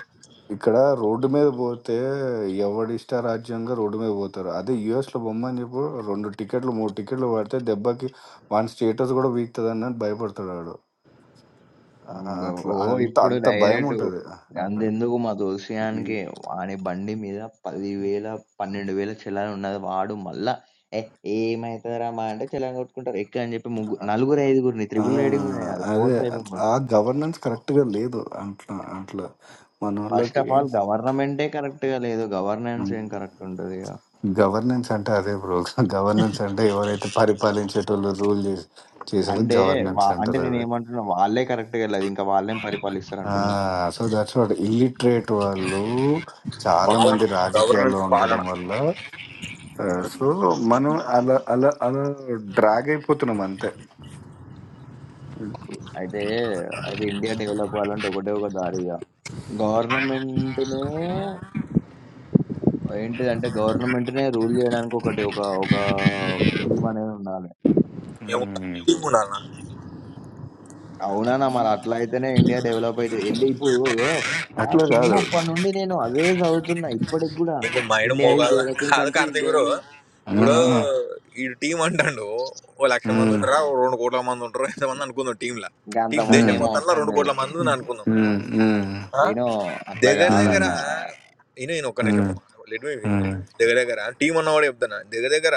[SPEAKER 3] ఇక్కడ రోడ్డు మీద పోతే ఎవడి ఇష్టారాజ్యంగా రోడ్డు మీద పోతారు అదే యుఎస్లో బొమ్మని చెప్పు రెండు టికెట్లు మూడు టికెట్లు పడితే దెబ్బకి వాని స్టేటస్ కూడా వీక్తుంది అని భయపడతాడు వాడు ఆ,
[SPEAKER 4] మ్మ్. ఓ
[SPEAKER 3] అట్లా అంత
[SPEAKER 4] ఇప్పుడు
[SPEAKER 3] అంత భయం
[SPEAKER 4] డైరెక్ట్
[SPEAKER 3] ఉంటుంది అక్కడ
[SPEAKER 4] అంతెందుకు మా
[SPEAKER 3] ఉమ్.
[SPEAKER 4] దోసియానికి వాని బండి మీద పదివేల పన్నెండు వేల చలాన్ ఉన్నది వాడు మళ్ళా ఏ ఏమవుతుందిరా మా అంటే చలాన్ కొట్టుకుంటారు ఎక్క అని చెప్పి ముగ్గురు నలుగురు ఐదుగురిని
[SPEAKER 3] ఆ,
[SPEAKER 4] త్రిబుల్ రైడింగ్ ఉన్నాయి కాదు ఫోర్
[SPEAKER 3] అదే
[SPEAKER 4] ఫైవ్ మెంబర్స్
[SPEAKER 3] ఆ గవర్నెన్స్ కరెక్ట్గా లేదు అట్లా అట్లా మన
[SPEAKER 4] ఫస్ట్
[SPEAKER 3] వాళ్ళకి
[SPEAKER 4] ఆఫ్ ఆల్ గవర్నమెంటే కరెక్ట్ గా లేదు గవర్నెన్స్ ఏం కరెక్ట్ ఉంటది ఇక.
[SPEAKER 3] గవర్నెన్స్ అంటే అదే బ్రో గవర్నెన్స్ అంటే ఎవరైతే పరిపాలించేటోళ్ళు రూల్ చేసి చేసేది
[SPEAKER 4] అంటే
[SPEAKER 3] గవర్నెన్స్
[SPEAKER 4] వా- అంటే నేను
[SPEAKER 3] అంటారు
[SPEAKER 4] ఏమంటున్నా వాళ్ళే కరెక్ట్ గా లేదు ఇంకా వాళ్ళేం పరిపాలిస్తారు అంటున్నా
[SPEAKER 3] సో దట్స్ వాట్ ఇల్లిటరేట్ వాళ్ళు చాలా మంది రాజకీయాల్లో
[SPEAKER 1] గవర్నెన్స్ పాలన
[SPEAKER 3] ఉండడం వల్ల సో మనం అలా అలా అలా డ్రాగ్ అయిపోతున్నాం అంతే
[SPEAKER 4] అయితే అది ఇండియా డెవలప్ అవ్వాలంటే ఒకటే ఒక దారి ఇక గవర్నమెంట్ ఏంటిదంటే గవర్నమెంట్‌నే రూల్ జేయడానికి ఒకటి ఒక ఒక టీమ్ అనేది ఉండాలి.
[SPEAKER 1] ఏముండాలి
[SPEAKER 3] ఉమ్.
[SPEAKER 1] టీం ఉండాలన్నా
[SPEAKER 4] అవునాన్న మరి అట్లా అయితేనే ఇండియా డెవలప్ అయితది. ఏంటి ఇప్పుడు నా
[SPEAKER 3] అట్లా కాదు
[SPEAKER 4] చిన్నప్పటి నుండి నేను అదే చదువుతున్నా. ఇప్పటికి గూడా
[SPEAKER 1] నీకు మైండ్
[SPEAKER 4] ఇండియా ఈజ్
[SPEAKER 1] మోగాల
[SPEAKER 4] డెవలపింగ్
[SPEAKER 1] కాదు
[SPEAKER 4] కంట్రీ.
[SPEAKER 1] కార్తీక్
[SPEAKER 4] ఇండియా
[SPEAKER 1] గురు
[SPEAKER 4] ఈజ్
[SPEAKER 3] ఆ,
[SPEAKER 1] ఇప్పుడు
[SPEAKER 3] ఆ.
[SPEAKER 1] ఈ టీం అంటాడు ఓ లక్ష మంది
[SPEAKER 3] ఉమ్,
[SPEAKER 1] ఉంటారా ఓ రెండు కోట్ల మంది ఉంటారు ఎంతమంది అనుకుందాం టీంలా
[SPEAKER 4] ఇంకా
[SPEAKER 1] టీం
[SPEAKER 4] అంతమంది
[SPEAKER 1] దేశం
[SPEAKER 3] ఉమ్,
[SPEAKER 4] ఏం
[SPEAKER 1] మొత్తంలో
[SPEAKER 4] అవసరం
[SPEAKER 1] రెండు
[SPEAKER 4] లేదు.
[SPEAKER 1] కోట్ల మంది ఉంది అనుకుందాం
[SPEAKER 3] ఉమ్, ఉమ్,
[SPEAKER 1] ఆ?
[SPEAKER 4] నేను అట్లా
[SPEAKER 1] దగ్గర
[SPEAKER 3] ఉమ్,
[SPEAKER 1] దగ్గర
[SPEAKER 4] గాదన్నా.
[SPEAKER 1] ఈయన ఈయన ఒక్క నిమిషం ఒక
[SPEAKER 3] ఉమ్,
[SPEAKER 1] మాట లెట్ మీ ఫినిష్.
[SPEAKER 3] ఉమ్,
[SPEAKER 1] దగ్గర దగ్గర టీం అన్నవాడు చెప్తాను దగ్గర దగ్గర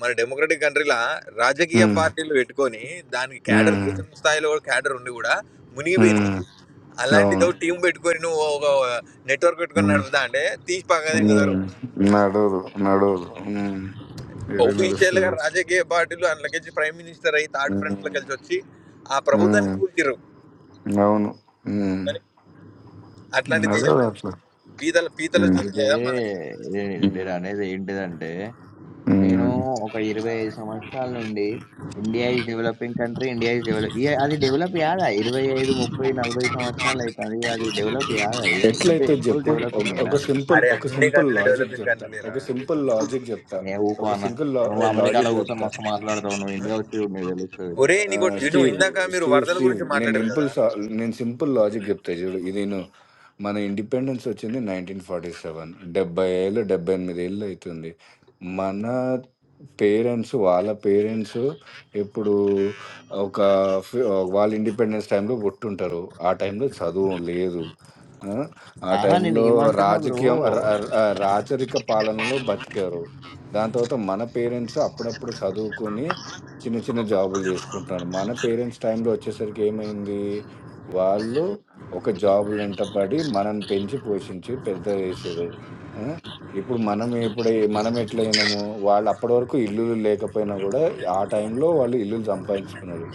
[SPEAKER 1] మన డెమోక్రటిక్ కంట్రీలా రాజకీయ
[SPEAKER 3] ఉమ్,
[SPEAKER 1] పార్టీలు పెట్టుకొని దానికి క్యాడర్
[SPEAKER 3] ఉమ్,
[SPEAKER 1] దేశం స్థాయిలో కూడా క్యాడర్ ఉండి కూడా మునిగిపోయినాయి
[SPEAKER 3] ఉమ్. అవును
[SPEAKER 1] అలాంటితో టీం పెట్టుకొని నువ్వు ఒక నెట్వర్క్ పెట్టుకొని
[SPEAKER 3] ఉమ్,
[SPEAKER 1] నడుపుతా అంటే తీసి పక్కదే
[SPEAKER 3] ఉమ్.
[SPEAKER 1] కుదరు
[SPEAKER 3] నడవదు నడవదు ఉమ్. ఏదైనా
[SPEAKER 1] Official గా రాజకీయ పార్టీలు అందులోకి ప్రైమ్ మినిస్టర్ అయ్యి థర్డ్ ఫ్రంట్లోకి కలిసి
[SPEAKER 3] వస్తుంది
[SPEAKER 1] వచ్చి ఆ ప్రభుత్వాన్ని కూల్చిర్రు
[SPEAKER 3] అవును ఉమ్.
[SPEAKER 1] మరి అట్లాంటి
[SPEAKER 3] అదే
[SPEAKER 1] దేశం మనం
[SPEAKER 3] అట్లా
[SPEAKER 1] పీతల పీతల
[SPEAKER 3] ఉమ్.
[SPEAKER 1] చుట్టూ
[SPEAKER 4] అయితే
[SPEAKER 1] లేదా మన
[SPEAKER 4] నే
[SPEAKER 3] ఉమ్.
[SPEAKER 4] నేననేది ఏంటిదంటే నేను
[SPEAKER 3] ఉమ్.
[SPEAKER 4] ఒక 25 సంవత్సరాల నుండి India is developing country, India is develop ఇయ అది డెవలప్ కాదా? 25, 30, 40 సంవత్సరాలు అయితాంది. అది డెవలప్ కాదా ఇయ? ఇంతే
[SPEAKER 3] ఎట్లయితే
[SPEAKER 4] ఎప్పుడు
[SPEAKER 3] చెప్పు ఒక
[SPEAKER 4] డెవలపింగేనా?
[SPEAKER 3] ఒక సింపుల్
[SPEAKER 1] అరే
[SPEAKER 3] ఒక
[SPEAKER 1] అన్ని
[SPEAKER 3] సింపుల్
[SPEAKER 1] కంట్రీలు
[SPEAKER 3] లాజిక్
[SPEAKER 1] డెవలపింగ్
[SPEAKER 3] చెప్తా
[SPEAKER 1] కంట్రీలేరా
[SPEAKER 3] ఒక సింపుల్ లాజిక్ చెప్తా
[SPEAKER 4] ఏ ఊకో
[SPEAKER 3] ఒక
[SPEAKER 4] అన్న.
[SPEAKER 3] సింపుల్
[SPEAKER 4] నువ్వు అమెరికాలో
[SPEAKER 3] లాజిక్
[SPEAKER 4] కూర్చొని
[SPEAKER 3] చెప్తా
[SPEAKER 4] మస్తు మాట్లాడతావు. నువ్వు ఇండియా వచ్చి చూడు నీకు తెలుస్తది.
[SPEAKER 1] ఒరే
[SPEAKER 3] ఆ,
[SPEAKER 1] నీకు ఇటు
[SPEAKER 3] స్టీవ్
[SPEAKER 1] ఇందాక మీరు
[SPEAKER 3] స్టీవ్
[SPEAKER 1] వరదల
[SPEAKER 3] స్టీవ్
[SPEAKER 1] గురించి
[SPEAKER 3] నేను
[SPEAKER 1] మాట్లాడారు కదా
[SPEAKER 3] ఇంపుల్స్ నేను సింపుల్ లాజిక్ చెప్తా చూడు ఇది నేను మన ఇండిపెండెన్స్ వచ్చింది నైన్టీన్ ఫార్టీ సెవెన్ డెబ్బై ఏళ్ళు డెబ్బై ఎనిమిది ఏళ్ళు అవుతుంది మన పేరెంట్స్ వాళ్ళ పేరెంట్స్ ఇప్పుడు ఒక ఫి- వాళ్ళ ఇండిపెండెన్స్ టైంలో పుట్టుంటారు ఆ టైంలో చదువు లేదు ఆ ఆ
[SPEAKER 4] ఆహా నేను
[SPEAKER 3] టైంలో
[SPEAKER 4] ఏమంటున్నా బ్రో
[SPEAKER 3] రాజకీయం ర- ర- రాచరిక పాలనలో బతికారు దాని తర్వాత మన పేరెంట్స్ అప్పుడప్పుడు చదువుకొని చిన్న చిన్న జాబులు చేసుకుంటున్నారు. మన పేరెంట్స్ టైంలో వచ్చేసరికి ఏమైంది? వాళ్ళు ఒక జాబులెంట పడి మనల్ని పెంచి, పోషించి పెద్ద చేసిర్రు. ఆ! ఇప్పుడు మనం ఎప్పుడై మనం ఎట్లయినము, వాళ్ళు అప్పటివరకు ఇల్లులు లేకపోయినా గూడా ఆ టైంలో వాళ్ళు ఇల్లులు సంపాదించుకున్నారు.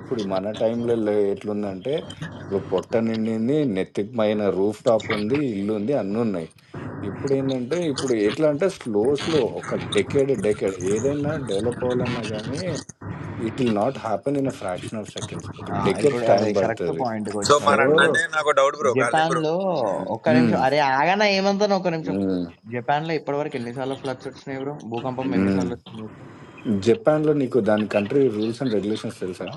[SPEAKER 3] ఇప్పుడు మన టైంలో లే ఎట్లుందంటే, ఇప్పుడు పొట్ట నిండింది, నెత్తికి పైన రూఫ్ టాప్ ఉంది, ఇల్లుంది అన్నున్నాయి. ఇప్పుడేందంటే, ఇప్పుడు ఏంటంటే ఇప్పుడు ఎట్లా అంటే స్లో, స్లో ఒక డెకేడ్, డెకేడ్ ఏదైనా డెవలప్ అవ్వాలన్నా గానీ it will not happen in a fraction of seconds ఒక
[SPEAKER 4] ఆ,
[SPEAKER 3] డెకెట్స్
[SPEAKER 4] ఇప్పుడు
[SPEAKER 3] టైం
[SPEAKER 4] అరే కరెక్ట్
[SPEAKER 3] పడుతుంది
[SPEAKER 4] పాయింట్ కి
[SPEAKER 1] సో
[SPEAKER 3] సో
[SPEAKER 4] వచ్చినావు
[SPEAKER 1] మరి అట్లా
[SPEAKER 4] ఇప్పుడు.
[SPEAKER 1] అంటే నాకు doubt bro Karthik
[SPEAKER 4] Japan
[SPEAKER 1] bro
[SPEAKER 4] లో ఒక్క నిమిషం అరే ఆగనా ఏమంటాను ఒక్క నిమిషం. జపాన్ లో ఇప్పటివరకు ఎన్నిసార్లు ఫ్లడ్స్ వచ్చినాయి బ్రో? భూకంపం ఎన్నిసార్లు వచ్చింది?
[SPEAKER 3] జపాన్ లో నీకు దాని కంట్రీ రూల్స్ అండ్ రెగ్యులేషన్స్ తెలుసా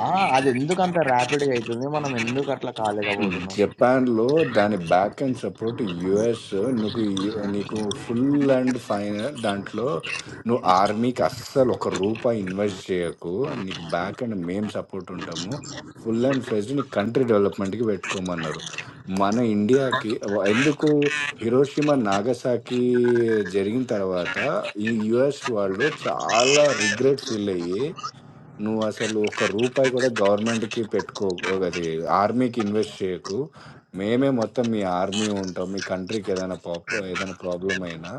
[SPEAKER 4] ఆ! అదెందుకంత ర్యాపిడ్‌గా అయితుంది? మనం ఎందుకు అట్లా కాలేకపోతున్నాం?
[SPEAKER 3] జపాన్ లో దాని బ్యాక్ అండ్ సపోర్ట్ యుఎస్ నీకు యు- నీకు ఫుల్ అండ్ ఫైనల్ దాంట్లో నువ్వు ఆర్మీకి అస్సలు ఒక రూపాయి ఇన్వెస్ట్ చేయకు నీకు బ్యాక్ అండ్ మేము సపోర్ట్ ఉంటాము ఫుల్ అండ్ ఫ్రెజ్ నీ కంట్రీ డెవలప్మెంట్కి పెట్టుకోమన్నారు మన ఇండియాకి ఎందుకు హిరోషిమా నాగసాకి జరిగిన తర్వాత ఈ యుఎస్ వాళ్ళు చాలా రిగ్రెట్ ఫీల్ అయ్యి నువ్వసలు ఒక్క రూపాయి కూడా గవర్నమెంట్‌కి పెట్టుకోకు. అది ఆర్మీకి ఇన్వెస్ట్ చేయకు. మేమే మొత్తం మీ ఆర్మీ ఉంటాం. మీ కంట్రీకి ఏదైనా పాప్ ఏదైనా ప్రాబ్లమ్ అయినా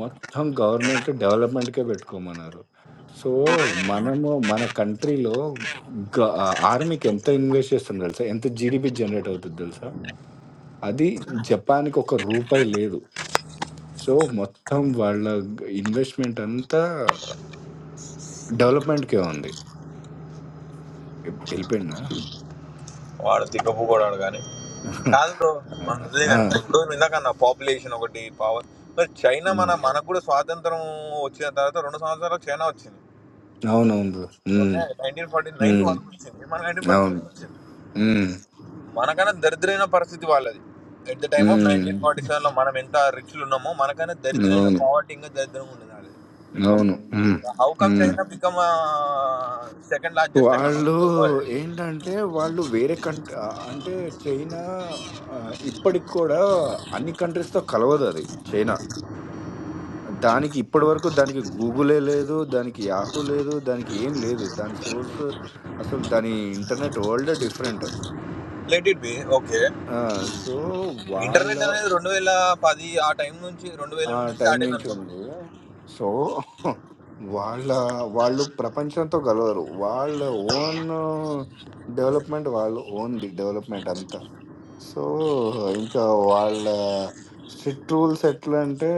[SPEAKER 3] మొత్తం గవర్నమెంట్ డెవలప్‌మెంట్‌కే పెట్టుకోమన్నారు. సో, మనము మన కంట్రీలో గ ఆర్మీకి ఎంత ఇన్వెస్ట్ చేస్తాం తెలుసా? ఎంత జీడీపీ జనరేట్ అవుతది తెలుసా? అది జపాన్‌కి ఒక రూపాయి లేదు. సో, మొత్తం వాళ్ళ ఇన్వెస్ట్‌మెంట్ అంతా డెవలప్‌మెంట్‌కే ఉంది. ఎ ఎళ్ళిపోయిండా?
[SPEAKER 1] వాడు తిక్కపు కూడా కానీ కాదు బ్రో మన ఉంది
[SPEAKER 3] ఆ,
[SPEAKER 1] కదా, ఇప్పుడు ఇందాక అన్న పాపులేషన్ ఒకటి పవర్ మరి చైనా మన
[SPEAKER 3] ఉమ్,
[SPEAKER 1] మనకు కూడా స్వాతంత్రం వచ్చిన తర్వాత రెండు సంవత్సరాలకు చైనా వచ్చింది
[SPEAKER 3] అవునవును
[SPEAKER 1] okay
[SPEAKER 3] um,
[SPEAKER 1] nineteen forty nine
[SPEAKER 3] um,
[SPEAKER 1] వచ్చింది మన నైన్టీన్ ఫార్టీ
[SPEAKER 3] అవును
[SPEAKER 1] సెవెన్ వచ్చింది
[SPEAKER 3] ఉమ్,
[SPEAKER 1] మనకన్నా దరిద్రమైన పరిస్థితి వాళ్ళది at the time of
[SPEAKER 3] um,
[SPEAKER 1] nineteen forty సెవెన్లో మనం ఎంత రిచ్లు ఉన్నామో మనకన్నా దరిద్రమైన
[SPEAKER 3] అవును
[SPEAKER 1] పావర్టీ ఇంకా దరిద్రంగా ఉండేది వాళ్ళది ఓకే
[SPEAKER 3] అవును um,
[SPEAKER 1] how come
[SPEAKER 3] um.
[SPEAKER 1] China become second largest economy
[SPEAKER 3] వాళ్ళు
[SPEAKER 1] ఇన్ ద వరల్డ్
[SPEAKER 3] ఏంటంటే వాళ్ళు వేరే కంట్రీ అంటే చైనా ఆ, ఇప్పటికి కూడా అన్ని కంట్రీస్తో కలవదు అది చైనా దానికి ఇప్పటి వరకు దానికి గూగులే లేదు దానికి యాహూ లేదు దానికి ఏం లేదు దాని సోర్స్ అసలు దాని internet world different
[SPEAKER 1] let it be okay
[SPEAKER 3] ఆ, సో
[SPEAKER 1] ఇంటర్నెట్
[SPEAKER 3] వాళ్ళ
[SPEAKER 1] అనేది రెండు వేల పది ఆ టైం నుంచి రెండు వేల
[SPEAKER 3] ఆ
[SPEAKER 1] నుంచి
[SPEAKER 3] టైం
[SPEAKER 1] స్టార్ట్ అయింది
[SPEAKER 3] నుంచి
[SPEAKER 1] అనుకున్నాను
[SPEAKER 3] ఉంది సో వాళ్ళ వాళ్ళు ప్రపంచంతో కలవరు వాళ్ళ ఓన్ డెవలప్మెంట్ వాళ్ళు ఓన్ ది డెవలప్మెంట్ అంతా సో ఇంకా వాళ్ళ స్ట్రిక్ట్ రూల్స్ ఎట్లా అంటే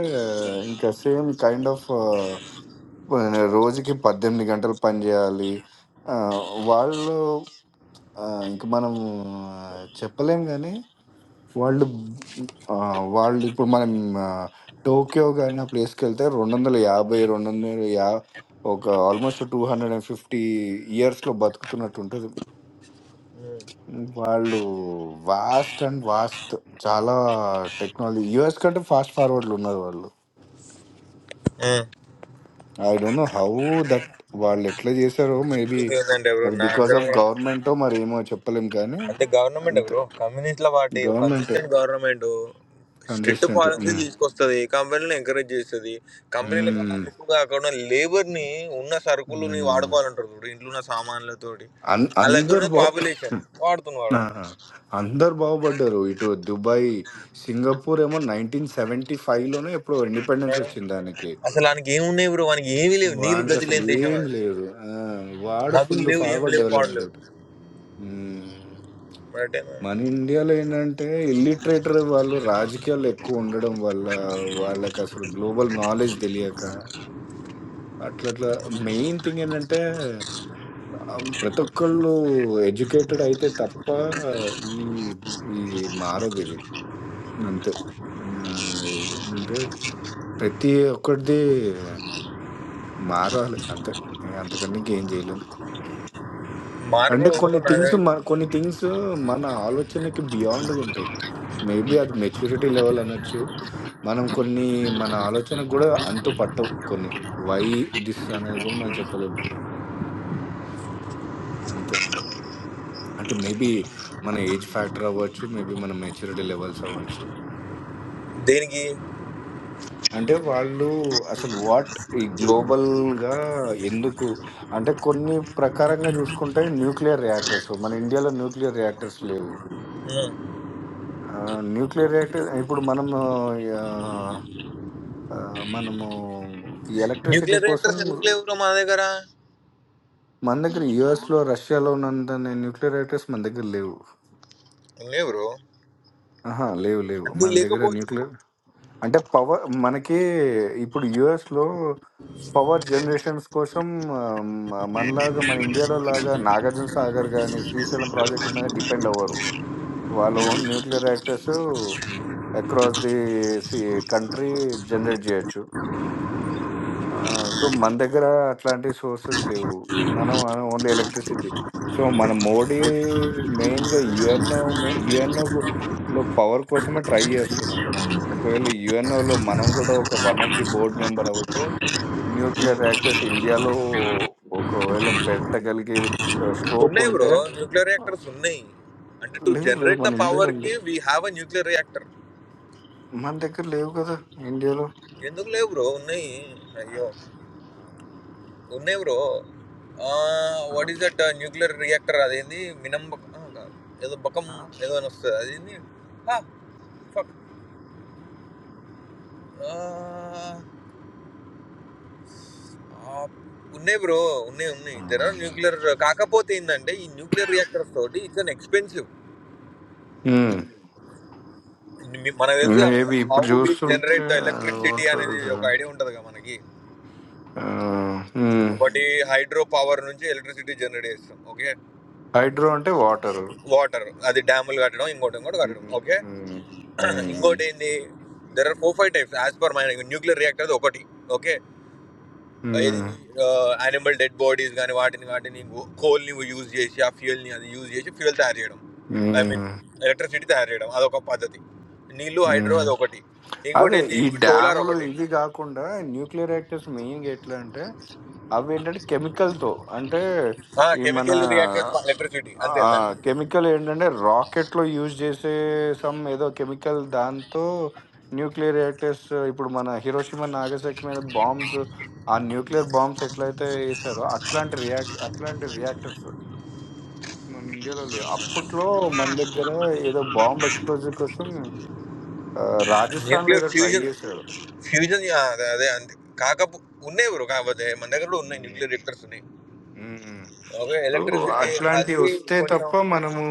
[SPEAKER 3] ఇంకా సేమ్ కైండ్ ఆఫ్ రోజుకి పద్దెనిమిది గంటలు పని చేయాలి ఆ, వాళ్ళు ఆ, ఇంక మనం చెప్పలేం కానీ వాళ్ళు ఆ, వాళ్ళు ఇప్పుడు మనం ఆ, టోక్యో కానీ ఆ ప్లేస్కి వెళ్తే రెండు వందల యాభై రెండు వందల యా ఒక almost two hundred and fifty ఇయర్స్లో బతుకుతున్నట్టు ఉంటుంది వాళ్ళు వాస్ట్ అండ్ వాస్ట్ చాలా టెక్నాలజీ యూఎస్ కంటే ఫాస్ట్ ఫార్వర్డ్లు ఉన్నారు వాళ్ళు I don't know how that వాళ్ళు ఎట్లా చేశారో మేబీ
[SPEAKER 1] ఏంటంటే ఎవరు
[SPEAKER 3] అది
[SPEAKER 1] నా
[SPEAKER 3] బికాస్
[SPEAKER 1] అంచనా
[SPEAKER 3] ఆఫ్
[SPEAKER 1] కూడా
[SPEAKER 3] గవర్నమెంటో మరి ఏమో చెప్పలేం కానీ
[SPEAKER 1] అంటే గవర్నమెంట్
[SPEAKER 3] అంతే
[SPEAKER 1] బ్రో కమ్యూనిస్ట్ల పార్టీ
[SPEAKER 3] గవర్నమెంటే
[SPEAKER 1] కన్సిస్టెంట్ గవర్నమెంట్ స్ట్రిక్ట్ పాలసీలు తీసుకొస్తుంది కంపెనీలను ఎంకరేజ్ చేస్తుంది కంపెనీల కన్నా
[SPEAKER 3] కన్సిస్టెంట్
[SPEAKER 1] ఎక్కువగా అక్కడ ఉన్న లేబర్ని ఉన్న సరుకులని వాడుకోవాలంటారు చూడు ఇంట్లో ఉన్న సామాన్లతోటి
[SPEAKER 3] అన్-
[SPEAKER 1] అలా
[SPEAKER 3] అందరు
[SPEAKER 1] ఎక్కడ
[SPEAKER 3] బా
[SPEAKER 1] పాపులేషన్
[SPEAKER 3] ఆ,
[SPEAKER 1] వాడుతున్నాడు
[SPEAKER 3] అందరు బాగుపడ్డారు ఇటు దుబాయ్ సింగపూర్ ఏమో నైన్టీన్ సెవెంటీ ఫైవ్ లోనే ఎప్పుడు ఇండిపెండెన్స్ వచ్చింది దానికి
[SPEAKER 1] అసలు వానికి ఏమున్నాయి బ్రో వానికి ఏమీ లేవు నీళ్ళు
[SPEAKER 3] వాడికి
[SPEAKER 1] గతి
[SPEAKER 3] అసలు
[SPEAKER 1] లేని దేశం
[SPEAKER 3] ఏం
[SPEAKER 1] అది.
[SPEAKER 3] లేదు ఆ, వాడు
[SPEAKER 1] నదులు
[SPEAKER 3] ఫుల్
[SPEAKER 1] లేవు ఏం
[SPEAKER 3] ఫార్వర్డ్
[SPEAKER 1] లేవు
[SPEAKER 3] డెవలప్డ్
[SPEAKER 1] పాడలేవు
[SPEAKER 3] మ్మ్.
[SPEAKER 1] అంటే
[SPEAKER 3] మన ఇండియాలో ఏంటంటే ఇల్లిటరేటర్ వాళ్ళు రాజకీయాలు ఎక్కువ ఉండడం వల్ల వాళ్ళకి అసలు గ్లోబల్ నాలెడ్జ్ తెలియక అట్లట్లా మెయిన్ థింగ్ ఏంటంటే ఆహ్, ప్రతి ఒక్కళ్ళు ఎడ్యుకేటెడ్ అయితే తప్ప ఈ ఇది మారదిది. అంతే. ఆహ్, ఏంటంటే ప్రతి ఒక్కడిది మారాలి అంతే. ఇంక అంతకన్నా ఇంకేం జేయలేం. అంటే
[SPEAKER 1] మార్పు
[SPEAKER 3] కొన్ని
[SPEAKER 1] నా-
[SPEAKER 3] థింగ్స్ మ కొన్ని థింగ్స్ మన ఆలోచనకి బియాండ్‌గుంటాయి. మేబీ అది మెచ్యూరిటీ లెవెల్ అనొచ్చు. మనం కొన్ని మన ఆలోచనకు గూడా అంతు పట్టవు కొన్ని. వై దిస్ అనేది గూడా మనం చెప్పలేం. అంతే. అంటే మేబీ మన ఏజ్ ఫ్యాక్టర్ అవ్వచ్చు. మేబీ మన మెచ్యూరిటీ లెవెల్స్ అవ్వచ్చు.
[SPEAKER 1] దేనికి
[SPEAKER 3] అంటే వాళ్ళు అసలు వాట్ ఈ గ్లోబల్‌గా ఎందుకు అంటే కొన్ని ప్రకారంగా చూసుకుంటే న్యూక్లియర్ రియాక్టర్స్ మన ఇండియాలో న్యూక్లియర్ రియాక్టర్స్ లేవు. ఆహ్, న్యూక్లియర్ రియాక్టర్ ఇప్పుడు మనము ఆహ్, ఆహ్, మనము ఈ ఎలక్ట్రిసిటీ
[SPEAKER 1] న్యూక్లియర్
[SPEAKER 3] కోసం
[SPEAKER 1] రియాక్టర్స్ ఎందుకు లేవు బ్రో మా దగ్గర
[SPEAKER 3] మన దగ్గర యూఎస్‌లో, రష్యాలో ఉన్నంత న్యూక్లియర్ రియాక్టర్స్ మన దగ్గర లేవు.
[SPEAKER 1] లేవు బ్రో
[SPEAKER 3] ఆహా! లేవు లేవు.
[SPEAKER 1] అన్ని
[SPEAKER 3] మన దగ్గర
[SPEAKER 1] లేకపోవచ్చు
[SPEAKER 3] న్యూక్లియర్ అంటే పవర్ మనకి ఇప్పుడు యుఎస్ లో పవర్ జనరేషన్స్ కోసం ఆ, మ- మనలాగా మన ఇండియాలో లాగా నాగార్జున సాగర్ కానీ శ్రీశైలం ప్రాజెక్టుల మీద డిపెండ్ అవ్వరు వాళ్ళ own nuclear actors across the country generate చేయొచ్చు ఆ! సో, మన దగ్గర అట్లాంటి సోర్సెస్ లేవు. మనం ఆహ్, ఓన్లీ ఎలక్ట్రిసిటీ. సో, మన మోడీ మెయిన్‌గా యూఎన్ఓ మె యూఎన్ఓలో పవర్ కోసమే ట్రై చేస్తున్నాడు. ఒకవేళ యూఎన్ఓలో మనం కూడా ఒక one of the board member అవుతే న్యూక్లియర్ రియాక్టర్స్ ఇండియాలో ఒకవేళ పెట్టగలిగే చ్ స్కోప్
[SPEAKER 1] ఉన్నాయి బ్రో
[SPEAKER 3] ఉంటే
[SPEAKER 1] న్యూక్లియర్
[SPEAKER 3] ఆహ్,
[SPEAKER 1] రియాక్టర్స్ ఉన్నాయి అంటే టు
[SPEAKER 3] లేవు లేవు
[SPEAKER 1] జనరేట్ ద
[SPEAKER 3] మన ఇండియాలో
[SPEAKER 1] పవర్ కి
[SPEAKER 3] లేవు.
[SPEAKER 1] We have a nuclear reactor
[SPEAKER 3] మన దగ్గర లేవు కదా! ఇండియాలో.
[SPEAKER 1] ఎందుకు లేవు బ్రో ఉన్నాయి అయ్యో ఉన్నాయి బ్రో
[SPEAKER 3] ఆ!
[SPEAKER 1] What is that nuclear reactor అదేంది మినం బక- ఆ, కాదు. ఏదో బకం
[SPEAKER 3] ఆ!
[SPEAKER 1] ఏదో అని వస్తుంది అదేంది ఆ, fuck. ఆ, ఆ, ఉన్నాయి బ్రో ఉన్నాయి ఉన్నాయి దెర్ ఆర్ న్యూక్లియర్ కాకపోతే ఏంటంటే ఈ న్యూక్లియర్ రియాక్టర్స్ తోటి ఇట్స్ అన్ ఎక్స్పెన్సివ్
[SPEAKER 3] హ్మ్.
[SPEAKER 1] మీ- మనకు తెలుసు
[SPEAKER 3] మేబీ
[SPEAKER 1] హౌ
[SPEAKER 3] ఇప్పుడు
[SPEAKER 1] వి
[SPEAKER 3] చూస్తుంటే
[SPEAKER 1] జనరేట్ ద ఎలక్ట్రిసిటీ
[SPEAKER 3] వాటర్
[SPEAKER 1] అనేది ఒక ఐడియా ఉంటుంది కదా మనకి ఒకటి హైడ్రో పవర్ నుంచి ఎలక్ట్రిసిటీ జనరేట్ చేస్తాం ఓకే
[SPEAKER 3] హైడ్రో అంటే వాటర్
[SPEAKER 1] వాటర్ అది డ్యాములు కట్టడం ఇంకోటి ఇంకోటి కట్టడం ఓకే ఇంకోటి ఏంది there are four five types as per my nuclear reactor ఒకటి ఓకే ఇది యానిమల్ డెడ్ బాడీస్ కానీ వాటిని వాటిని కోల్ని యూజ్ చేసి ఆ ఫ్యూయల్ని అది యూజ్ చేసి ఫ్యూయల్ తయారు చేయడం ఐ మీన్ ఎలక్ట్రిసిటీ తయారు చేయడం అదొక పద్ధతి నీళ్లు హైడ్రో అది ఒకటి ఇంకోటి
[SPEAKER 3] అదే
[SPEAKER 1] ఏంటి
[SPEAKER 3] ఈ
[SPEAKER 1] సోలార్
[SPEAKER 3] డ్యాములు
[SPEAKER 1] ఒకటి
[SPEAKER 3] ఇవి కాకుండా న్యూక్లియర్ రియాక్టర్స్ మెయిన్గా ఎట్లా అంటే అవి ఏంటంటే chemical తో అంటే ఈ మన
[SPEAKER 1] కెమికల్ రియాక్టెడ్ ఎలక్ట్రిసిటీ అంతే దానికి
[SPEAKER 3] కెమికల్ ఏంటంటే rocket లో యూజ్ చేసే సమ్ ఏదో కెమికల్ దాంతో న్యూక్లియర్ రియాక్టర్స్ ఇప్పుడు మన హిరోషిమా నాగసాకి మీద బాంబ్స్ ఆ న్యూక్లియర్ బాంబ్స్ ఎట్లయితే వేసారో అట్లాంటి రియాక్ట్ అట్లాంటి రియాక్టర్స్ మన ఇండియాలో లేవు అప్పట్లో మన దగ్గర ఏదో బాంబ్ ఎక్స్ప్లోజర్ కోసం ఆ, రాజస్థాన్లో
[SPEAKER 1] న్యూక్లియర్
[SPEAKER 3] ఏదో ట్రై
[SPEAKER 1] ఫ్యూజన్
[SPEAKER 3] చేశారు
[SPEAKER 1] ఫ్యూజన్ అదే అదే అంతే కాకపో ఉన్నాయి బ్రో కాకపోతే మన దగ్గర కూడా ఉన్నాయి
[SPEAKER 3] హ్మ్.
[SPEAKER 1] న్యూక్లియర్ రియాక్టర్స్ ఉన్నాయి
[SPEAKER 3] హ్మ్.
[SPEAKER 1] ఓకే
[SPEAKER 3] సో
[SPEAKER 1] ఎలక్ట్రిసిటీ
[SPEAKER 3] అట్లాంటివి
[SPEAKER 1] అది
[SPEAKER 3] వస్తే
[SPEAKER 1] కొంచెం
[SPEAKER 3] తప్ప మనము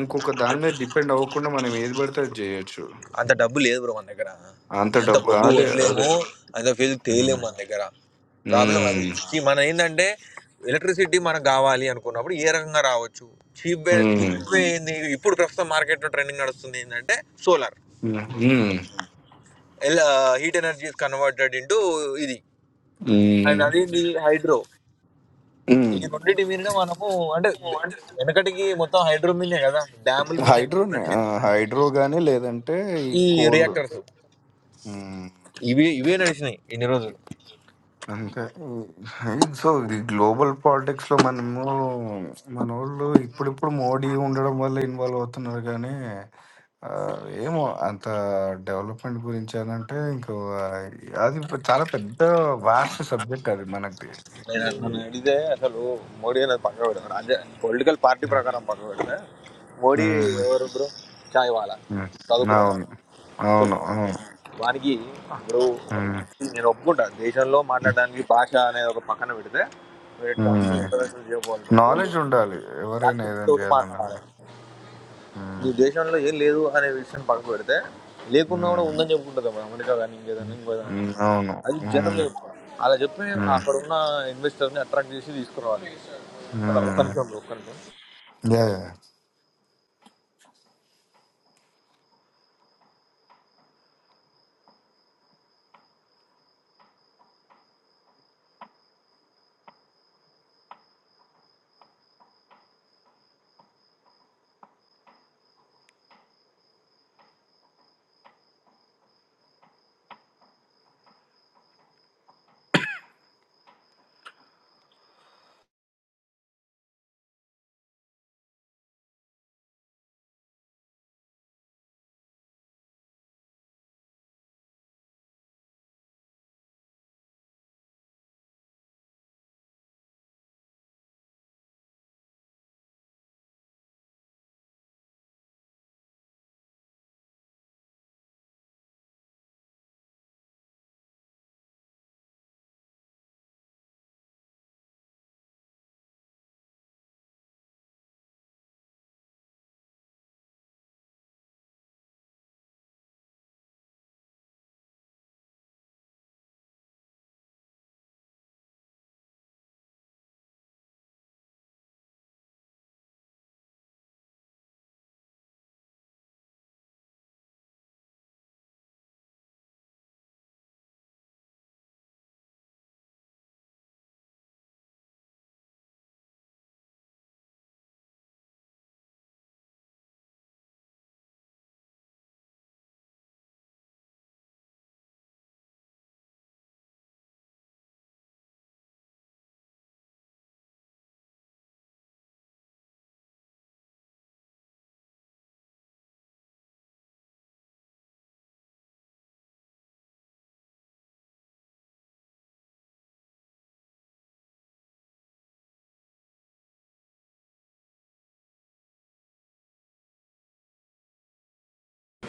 [SPEAKER 3] ఇంకొక దాని మీద డిపెండ్ అవ్వకుండా మనం ఏది పడితే అది చేయొచ్చు.
[SPEAKER 1] అంత డబ్బు లేదు బ్రో మన దగ్గర
[SPEAKER 3] అంత
[SPEAKER 1] అంత
[SPEAKER 3] డబ్బు
[SPEAKER 1] బొగ్గు
[SPEAKER 3] అదే అదే.
[SPEAKER 1] కొనలేము అంత ఫీజు తేయలేము
[SPEAKER 3] హ్మ్.
[SPEAKER 1] మన దగ్గర ప్రాబ్లం అది
[SPEAKER 3] హ్మ్.
[SPEAKER 1] See, మనం ఏంటంటే ఎలక్ట్రిసిటీ మనకు కావాలి అనుకున్నప్పుడు ఏ రకంగా రావచ్చు చీప్
[SPEAKER 3] హ్మ్.
[SPEAKER 1] చీప్ ఏంది ఇప్పుడు ప్రస్తుతం మార్కెట్లో ట్రెండింగ్ నడుస్తుంది ఏంటంటే solar
[SPEAKER 3] hmm. Hmm.
[SPEAKER 1] Heat energy converted into ఇది అండ్
[SPEAKER 3] హ్మ్.
[SPEAKER 1] అది ఇది హైడ్రో
[SPEAKER 3] హ్మ్.
[SPEAKER 1] ఈ రెండింటి మీదనే మనము అంటే బె- వెనకటికి మొత్తం హైడ్రో మీదనే కదా డ్యాముల మీదనే కదా
[SPEAKER 3] హైడ్రోనే. ఆ!
[SPEAKER 1] నడిచింది
[SPEAKER 3] హైడ్రో గాని లేదంటే ఈ
[SPEAKER 1] ఈ
[SPEAKER 3] కోల్.
[SPEAKER 1] రియాక్టర్స్
[SPEAKER 3] హ్మ్.
[SPEAKER 1] ఇవి ఇవే నడిచినాయి ఇన్ని రోజులు
[SPEAKER 3] అంటే ఈ- సో ఈ గ్లోబల్ పాలిటిక్స్ లో మనము మన వాళ్ళు ఇప్పుడిప్పుడు మోడీ ఉండడం వల్ల ఇన్వాల్వ్ అవుతున్నారు కానీ ఆ, ఏమో అంత డెవలప్మెంట్ గురించి అని అంటే ఇంకో ఆ, అది చాలా పెద్ద వాస్ట్ సబ్జెక్ట్ అది మనకి
[SPEAKER 1] నేను నన్ను అడిగితే అసలు మోడీ అనేది పక్క పెడతాడు అదే పొలిటికల్ పార్టీ ప్రకారం పక్క పెడితే మోడీ
[SPEAKER 3] ఉమ్,
[SPEAKER 1] ఎవరు బ్రో చాయ్ వాళ్ళ
[SPEAKER 3] ఉమ్, ఉమ్, అవును అవును
[SPEAKER 1] చదువుకున్నాను
[SPEAKER 3] అవును
[SPEAKER 1] వానికి ఇప్పుడు
[SPEAKER 3] ఉమ్,
[SPEAKER 1] నేను ఒప్పుకుంటా దేశంలో మాట్లాడడానికి భాష అనేది ఒక పక్కన పెడితే it comes
[SPEAKER 3] um.
[SPEAKER 1] International geo
[SPEAKER 3] knowledge
[SPEAKER 1] politics
[SPEAKER 3] ఉండాలి ఎవరైనా
[SPEAKER 1] టాక్టిక్స్
[SPEAKER 3] ఏదైనా
[SPEAKER 1] తోటి
[SPEAKER 3] చేయాలన్నా కూడా
[SPEAKER 1] మాట్లాడాలి
[SPEAKER 3] ఉమ్,
[SPEAKER 1] నీ దేశంలో ఏం లేదు అనే విషయం పక్కన పెడితే లేకున్నా కూడా
[SPEAKER 3] ఉమ్,
[SPEAKER 1] ఉందని చెప్పుకుంటుంది అప్పుడు అమెరికా కానీ ఇంకేదన్నా ఇంకేదన్నా కానీ.
[SPEAKER 3] ఉమ్, అవును
[SPEAKER 1] అది
[SPEAKER 3] ఉమ్,
[SPEAKER 1] జనరల్గా చెప్పుకోవాలి అలా చెప్పి
[SPEAKER 3] ఉమ్,
[SPEAKER 1] అక్కడ ఉన్న ఇన్వెస్టర్ని అట్రాక్ట్ చేసి తీసుకురావాలి అలా ఒక్క
[SPEAKER 3] ఉమ్.
[SPEAKER 1] నిమిషం బ్రో ఒక్క నిమిషం
[SPEAKER 3] नहीं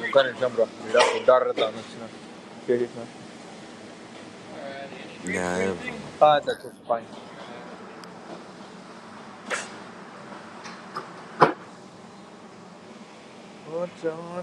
[SPEAKER 1] ఒక్క నిమిషం బ్రో ఇక్కడ ఫుడ్ ఆర్డర్ తాను వచ్చిన చేసేసిన
[SPEAKER 3] नहीं ब्रो ना प्रॉब्लम
[SPEAKER 1] చెప్ప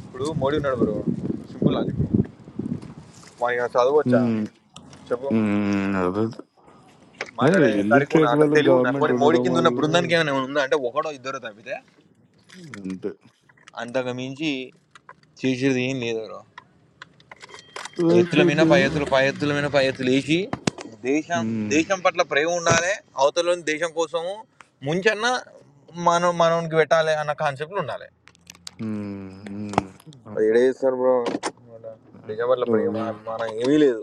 [SPEAKER 1] ఇప్పుడు మోడీ ఉన్నాడు బ్రో సింపుల్ లాజిక్ వాడికి నాకు చదవచ్చా
[SPEAKER 3] हम्म
[SPEAKER 1] చెప్పు
[SPEAKER 3] हम्म अभी तो है
[SPEAKER 1] మాట్లాడే సరికి ఉన్నా
[SPEAKER 3] इलिट्रेट
[SPEAKER 1] అంటే
[SPEAKER 3] वाले
[SPEAKER 1] తెలివి ఉన్నా
[SPEAKER 3] गवर्नमेंट
[SPEAKER 1] కొన్ని మోడీ
[SPEAKER 3] उनको
[SPEAKER 1] కింద ఉన్న
[SPEAKER 3] वाला
[SPEAKER 1] బృందానికి ఏమైనా ఉందా అంటే ఒకడో ఇద్దరు తప్పితే
[SPEAKER 3] नहीं
[SPEAKER 1] అంతకు మించి చేసేది ఏం లేదు బ్రో ఎత్తుల మీద
[SPEAKER 3] क्योंकि
[SPEAKER 1] పై ఎత్తులు పై ఎత్తుల మీద పై ఎత్తులు వేసి దేశం
[SPEAKER 3] हम्म
[SPEAKER 1] దేశం పట్ల ప్రేమ ఉండాలి అవతలని దేశం కోసము ముంచన్న మనం మనకి పెట్టాలి అన్న కాన్సెప్ట్ ఉండాలి
[SPEAKER 3] हम्म
[SPEAKER 1] మరి ఏడ
[SPEAKER 3] हम्म
[SPEAKER 1] చేస్తారు బ్రో దేశం పట్ల
[SPEAKER 3] नो
[SPEAKER 1] ప్రేమ
[SPEAKER 3] नो
[SPEAKER 1] అభిమానం ఏమీ లేదు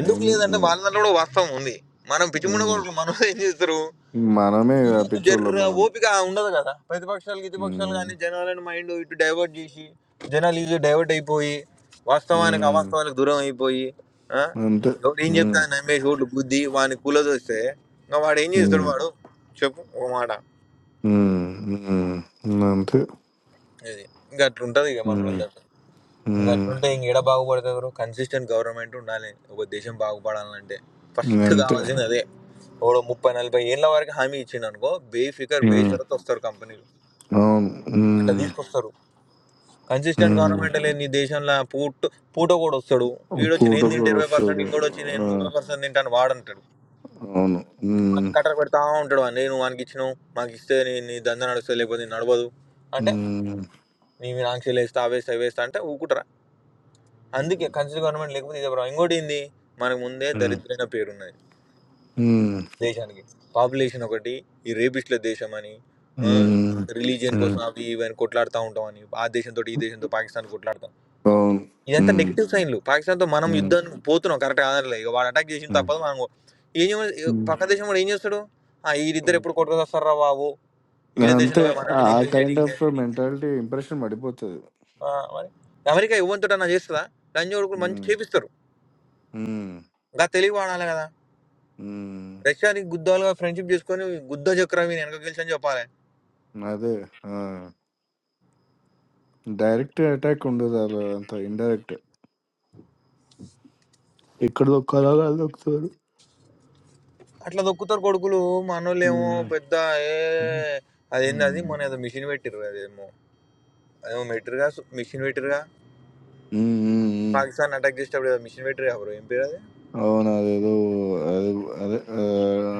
[SPEAKER 1] ఎందుకు లేదంటే వాళ్ళ దాంట్లో కూడా వాస్తవం ఉంది మనం పిచ్చిముండ
[SPEAKER 3] हम्म
[SPEAKER 1] కూడా మనసు ఏం చేస్తారు
[SPEAKER 3] मानो में या पिक्चर लोग
[SPEAKER 1] జర్ర
[SPEAKER 3] मानो हम्म
[SPEAKER 1] ఓపిక ఉండదు కదా ప్రతిపక్షాలు గితిపక్షాలు కానీ జనాలను మైండ్ ఇటు డైవర్ట్ చేసి జనాలు ఇటు డైవర్ట్ అయిపోయి వాస్తవానికి
[SPEAKER 3] हम्म
[SPEAKER 1] అవాస్తవాలకు దూరం అయిపోయి ఆ?
[SPEAKER 3] नहीं
[SPEAKER 1] ఎవడు ఏం
[SPEAKER 3] नहीं
[SPEAKER 1] చెప్తా నమ్మేసి ఓట్లు బుద్ధి వాని కూలది వస్తే ఇంకా వాడు ఏం చేస్తాడు
[SPEAKER 3] हम्म
[SPEAKER 1] వాడు చెప్పు ఒక మాట
[SPEAKER 3] हम्म नहीं नहीं हम्म
[SPEAKER 1] ఇది ఇంకా అట్లుంటది ఇక మన వాళ్ళ దగ్గర ఇంకా అట్లుంటే ఇంక ఎడ బాగుపడుతుంది కన్సిస్టెంట్ గవర్నమెంట్ ఉండాలి ఒక దేశం బాగుపడాలంటే ఫస్ట్ కావాల్సింది అదే ఓ ముప్పై నలభై ఏళ్ళ వరకు హామీ ఇచ్చిండు అనుకో బే ఫికర్ బే షరత్ వస్తారు కంపెనీలు అట్లా
[SPEAKER 3] हम्म
[SPEAKER 1] తీసుకొస్తారు కన్సిస్టెంట్
[SPEAKER 3] नहीं नहीं
[SPEAKER 1] గవర్నమెంట్ లేని ఈ దేశంలో పూట పూట కూడా వస్తాడు వీడొచ్చి
[SPEAKER 3] కూట
[SPEAKER 1] నేను తింటే
[SPEAKER 3] కూడా
[SPEAKER 1] ఇరవై పర్సెంట్
[SPEAKER 3] వస్తాడు
[SPEAKER 1] ఇంకోటి వచ్చి నేను
[SPEAKER 3] ఆ,
[SPEAKER 1] ముప్పై పర్సెంట్ తింటాను వాడంటాడు
[SPEAKER 3] అవును ఉమ్,
[SPEAKER 1] వాడిని కట్టర పెడతా ఉంటాడు వాడిని నేను వానికి ఇచ్చినావు మాకు ఇస్తే నీ నీ దంద నడుస్తుంది లేకపోతే నీ నడవదు అంటే
[SPEAKER 3] ఉమ్,
[SPEAKER 1] నీ మీరు ఆంక్షలు వేస్తా అవేస్తా అవేస్తా అంటే ఊకుంటారా అందుకే కన్సిస్టెంట్ గవర్నమెంట్ లేకపోతే ఇదే ప్రాబ్లం ఇంకోటి ఏంది మనకు ముందే
[SPEAKER 3] ఉమ్,
[SPEAKER 1] దరిద్రమైన పేరు ఉన్నది
[SPEAKER 3] ఉమ్,
[SPEAKER 1] దేశానికి పాపులేషన్ ఒకటి ఈ రేపిస్ట్ల దేశం అని
[SPEAKER 3] ఉమ్,
[SPEAKER 1] రిలీజియన్
[SPEAKER 3] ఉమ్,
[SPEAKER 1] కోసం అవి ఇవి అని కొట్లాడుతూ ఉంటామని ఆ దేశంతో ఈ దేశంతో పాకిస్తాన్ కొట్లాడతాం
[SPEAKER 3] అవును
[SPEAKER 1] ఇదంతా
[SPEAKER 3] ఉమ్,
[SPEAKER 1] నెగెటివ్ సైన్‌లు. పాకిస్తాన్‌తో మనం
[SPEAKER 3] ఉమ్,
[SPEAKER 1] యుద్ధానికి పోతున్నాం. కరెక్ట్ కాదనలే. ఇక వాడు అటాక్ చేసింది
[SPEAKER 3] ఉమ్,
[SPEAKER 1] తప్పదు. మనం గూ ఏం చేయమని
[SPEAKER 3] ఉమ్.
[SPEAKER 1] పక్క హ్మ్. దేశం వాడు ఏం చేస్తాడు? ఆ! ఈళ్ళిద్దరు ఎప్పుడు కొట్టుకొస్తార్రా బాబు! ఈడ దేశంలో
[SPEAKER 3] అంతే
[SPEAKER 1] పోయి మనం
[SPEAKER 3] ఆ
[SPEAKER 1] ఏంది ఇన్వెస్ట్
[SPEAKER 3] కైండ్
[SPEAKER 1] చేయనీకే.
[SPEAKER 3] ఆఫ్ మెంటాలిటీ ఇంప్రెషన్ పడిపోతుంది
[SPEAKER 1] ఆ! మరి అమెరికా ఎవ్వనితోటన్నా చేస్తదా? లంజోడుకులు మంచి
[SPEAKER 3] ఉమ్,
[SPEAKER 1] చేపిస్తారు.
[SPEAKER 3] ఉమ్,
[SPEAKER 1] గా తెలివి వాడాలి కదా!
[SPEAKER 3] ఉమ్,
[SPEAKER 1] రష్యాని గుద్దాలుగా ఫ్రెండ్‌షిప్ చేసుకొని గుద్ద చక్రా వీని వెనక గెలిచని చెప్పాలే.
[SPEAKER 3] అదే డైరెక్ట్ అటాక్ ఉండదు అలా అంత ఇండైరెక్ట్ ఇక్కడ దొక్కాలో అలా దొక్కుతారు
[SPEAKER 1] అట్లా దొక్కుతారు కొడుకులు. మనోళ్ళేమో
[SPEAKER 3] ఉమ్,
[SPEAKER 1] పెద్ద ఏ
[SPEAKER 3] ఉమ్,
[SPEAKER 1] అదేందది
[SPEAKER 3] ఉమ్,
[SPEAKER 1] మొన్న ఏదో మిషన్ పెట్టిర్రు అదేమో. అదేమో మెట్టిర్రుగా సు మిషన్ పెట్టిర్రుగా.
[SPEAKER 3] ఉమ్, ఉమ్.
[SPEAKER 1] పాకిస్తాన్‌ని అటాక్ చేసేటప్పుడు ఏదో మిషన్ పెట్టిర్రుగా బ్రో! ఏం పేరది?
[SPEAKER 3] అవును అదేదో అది అదే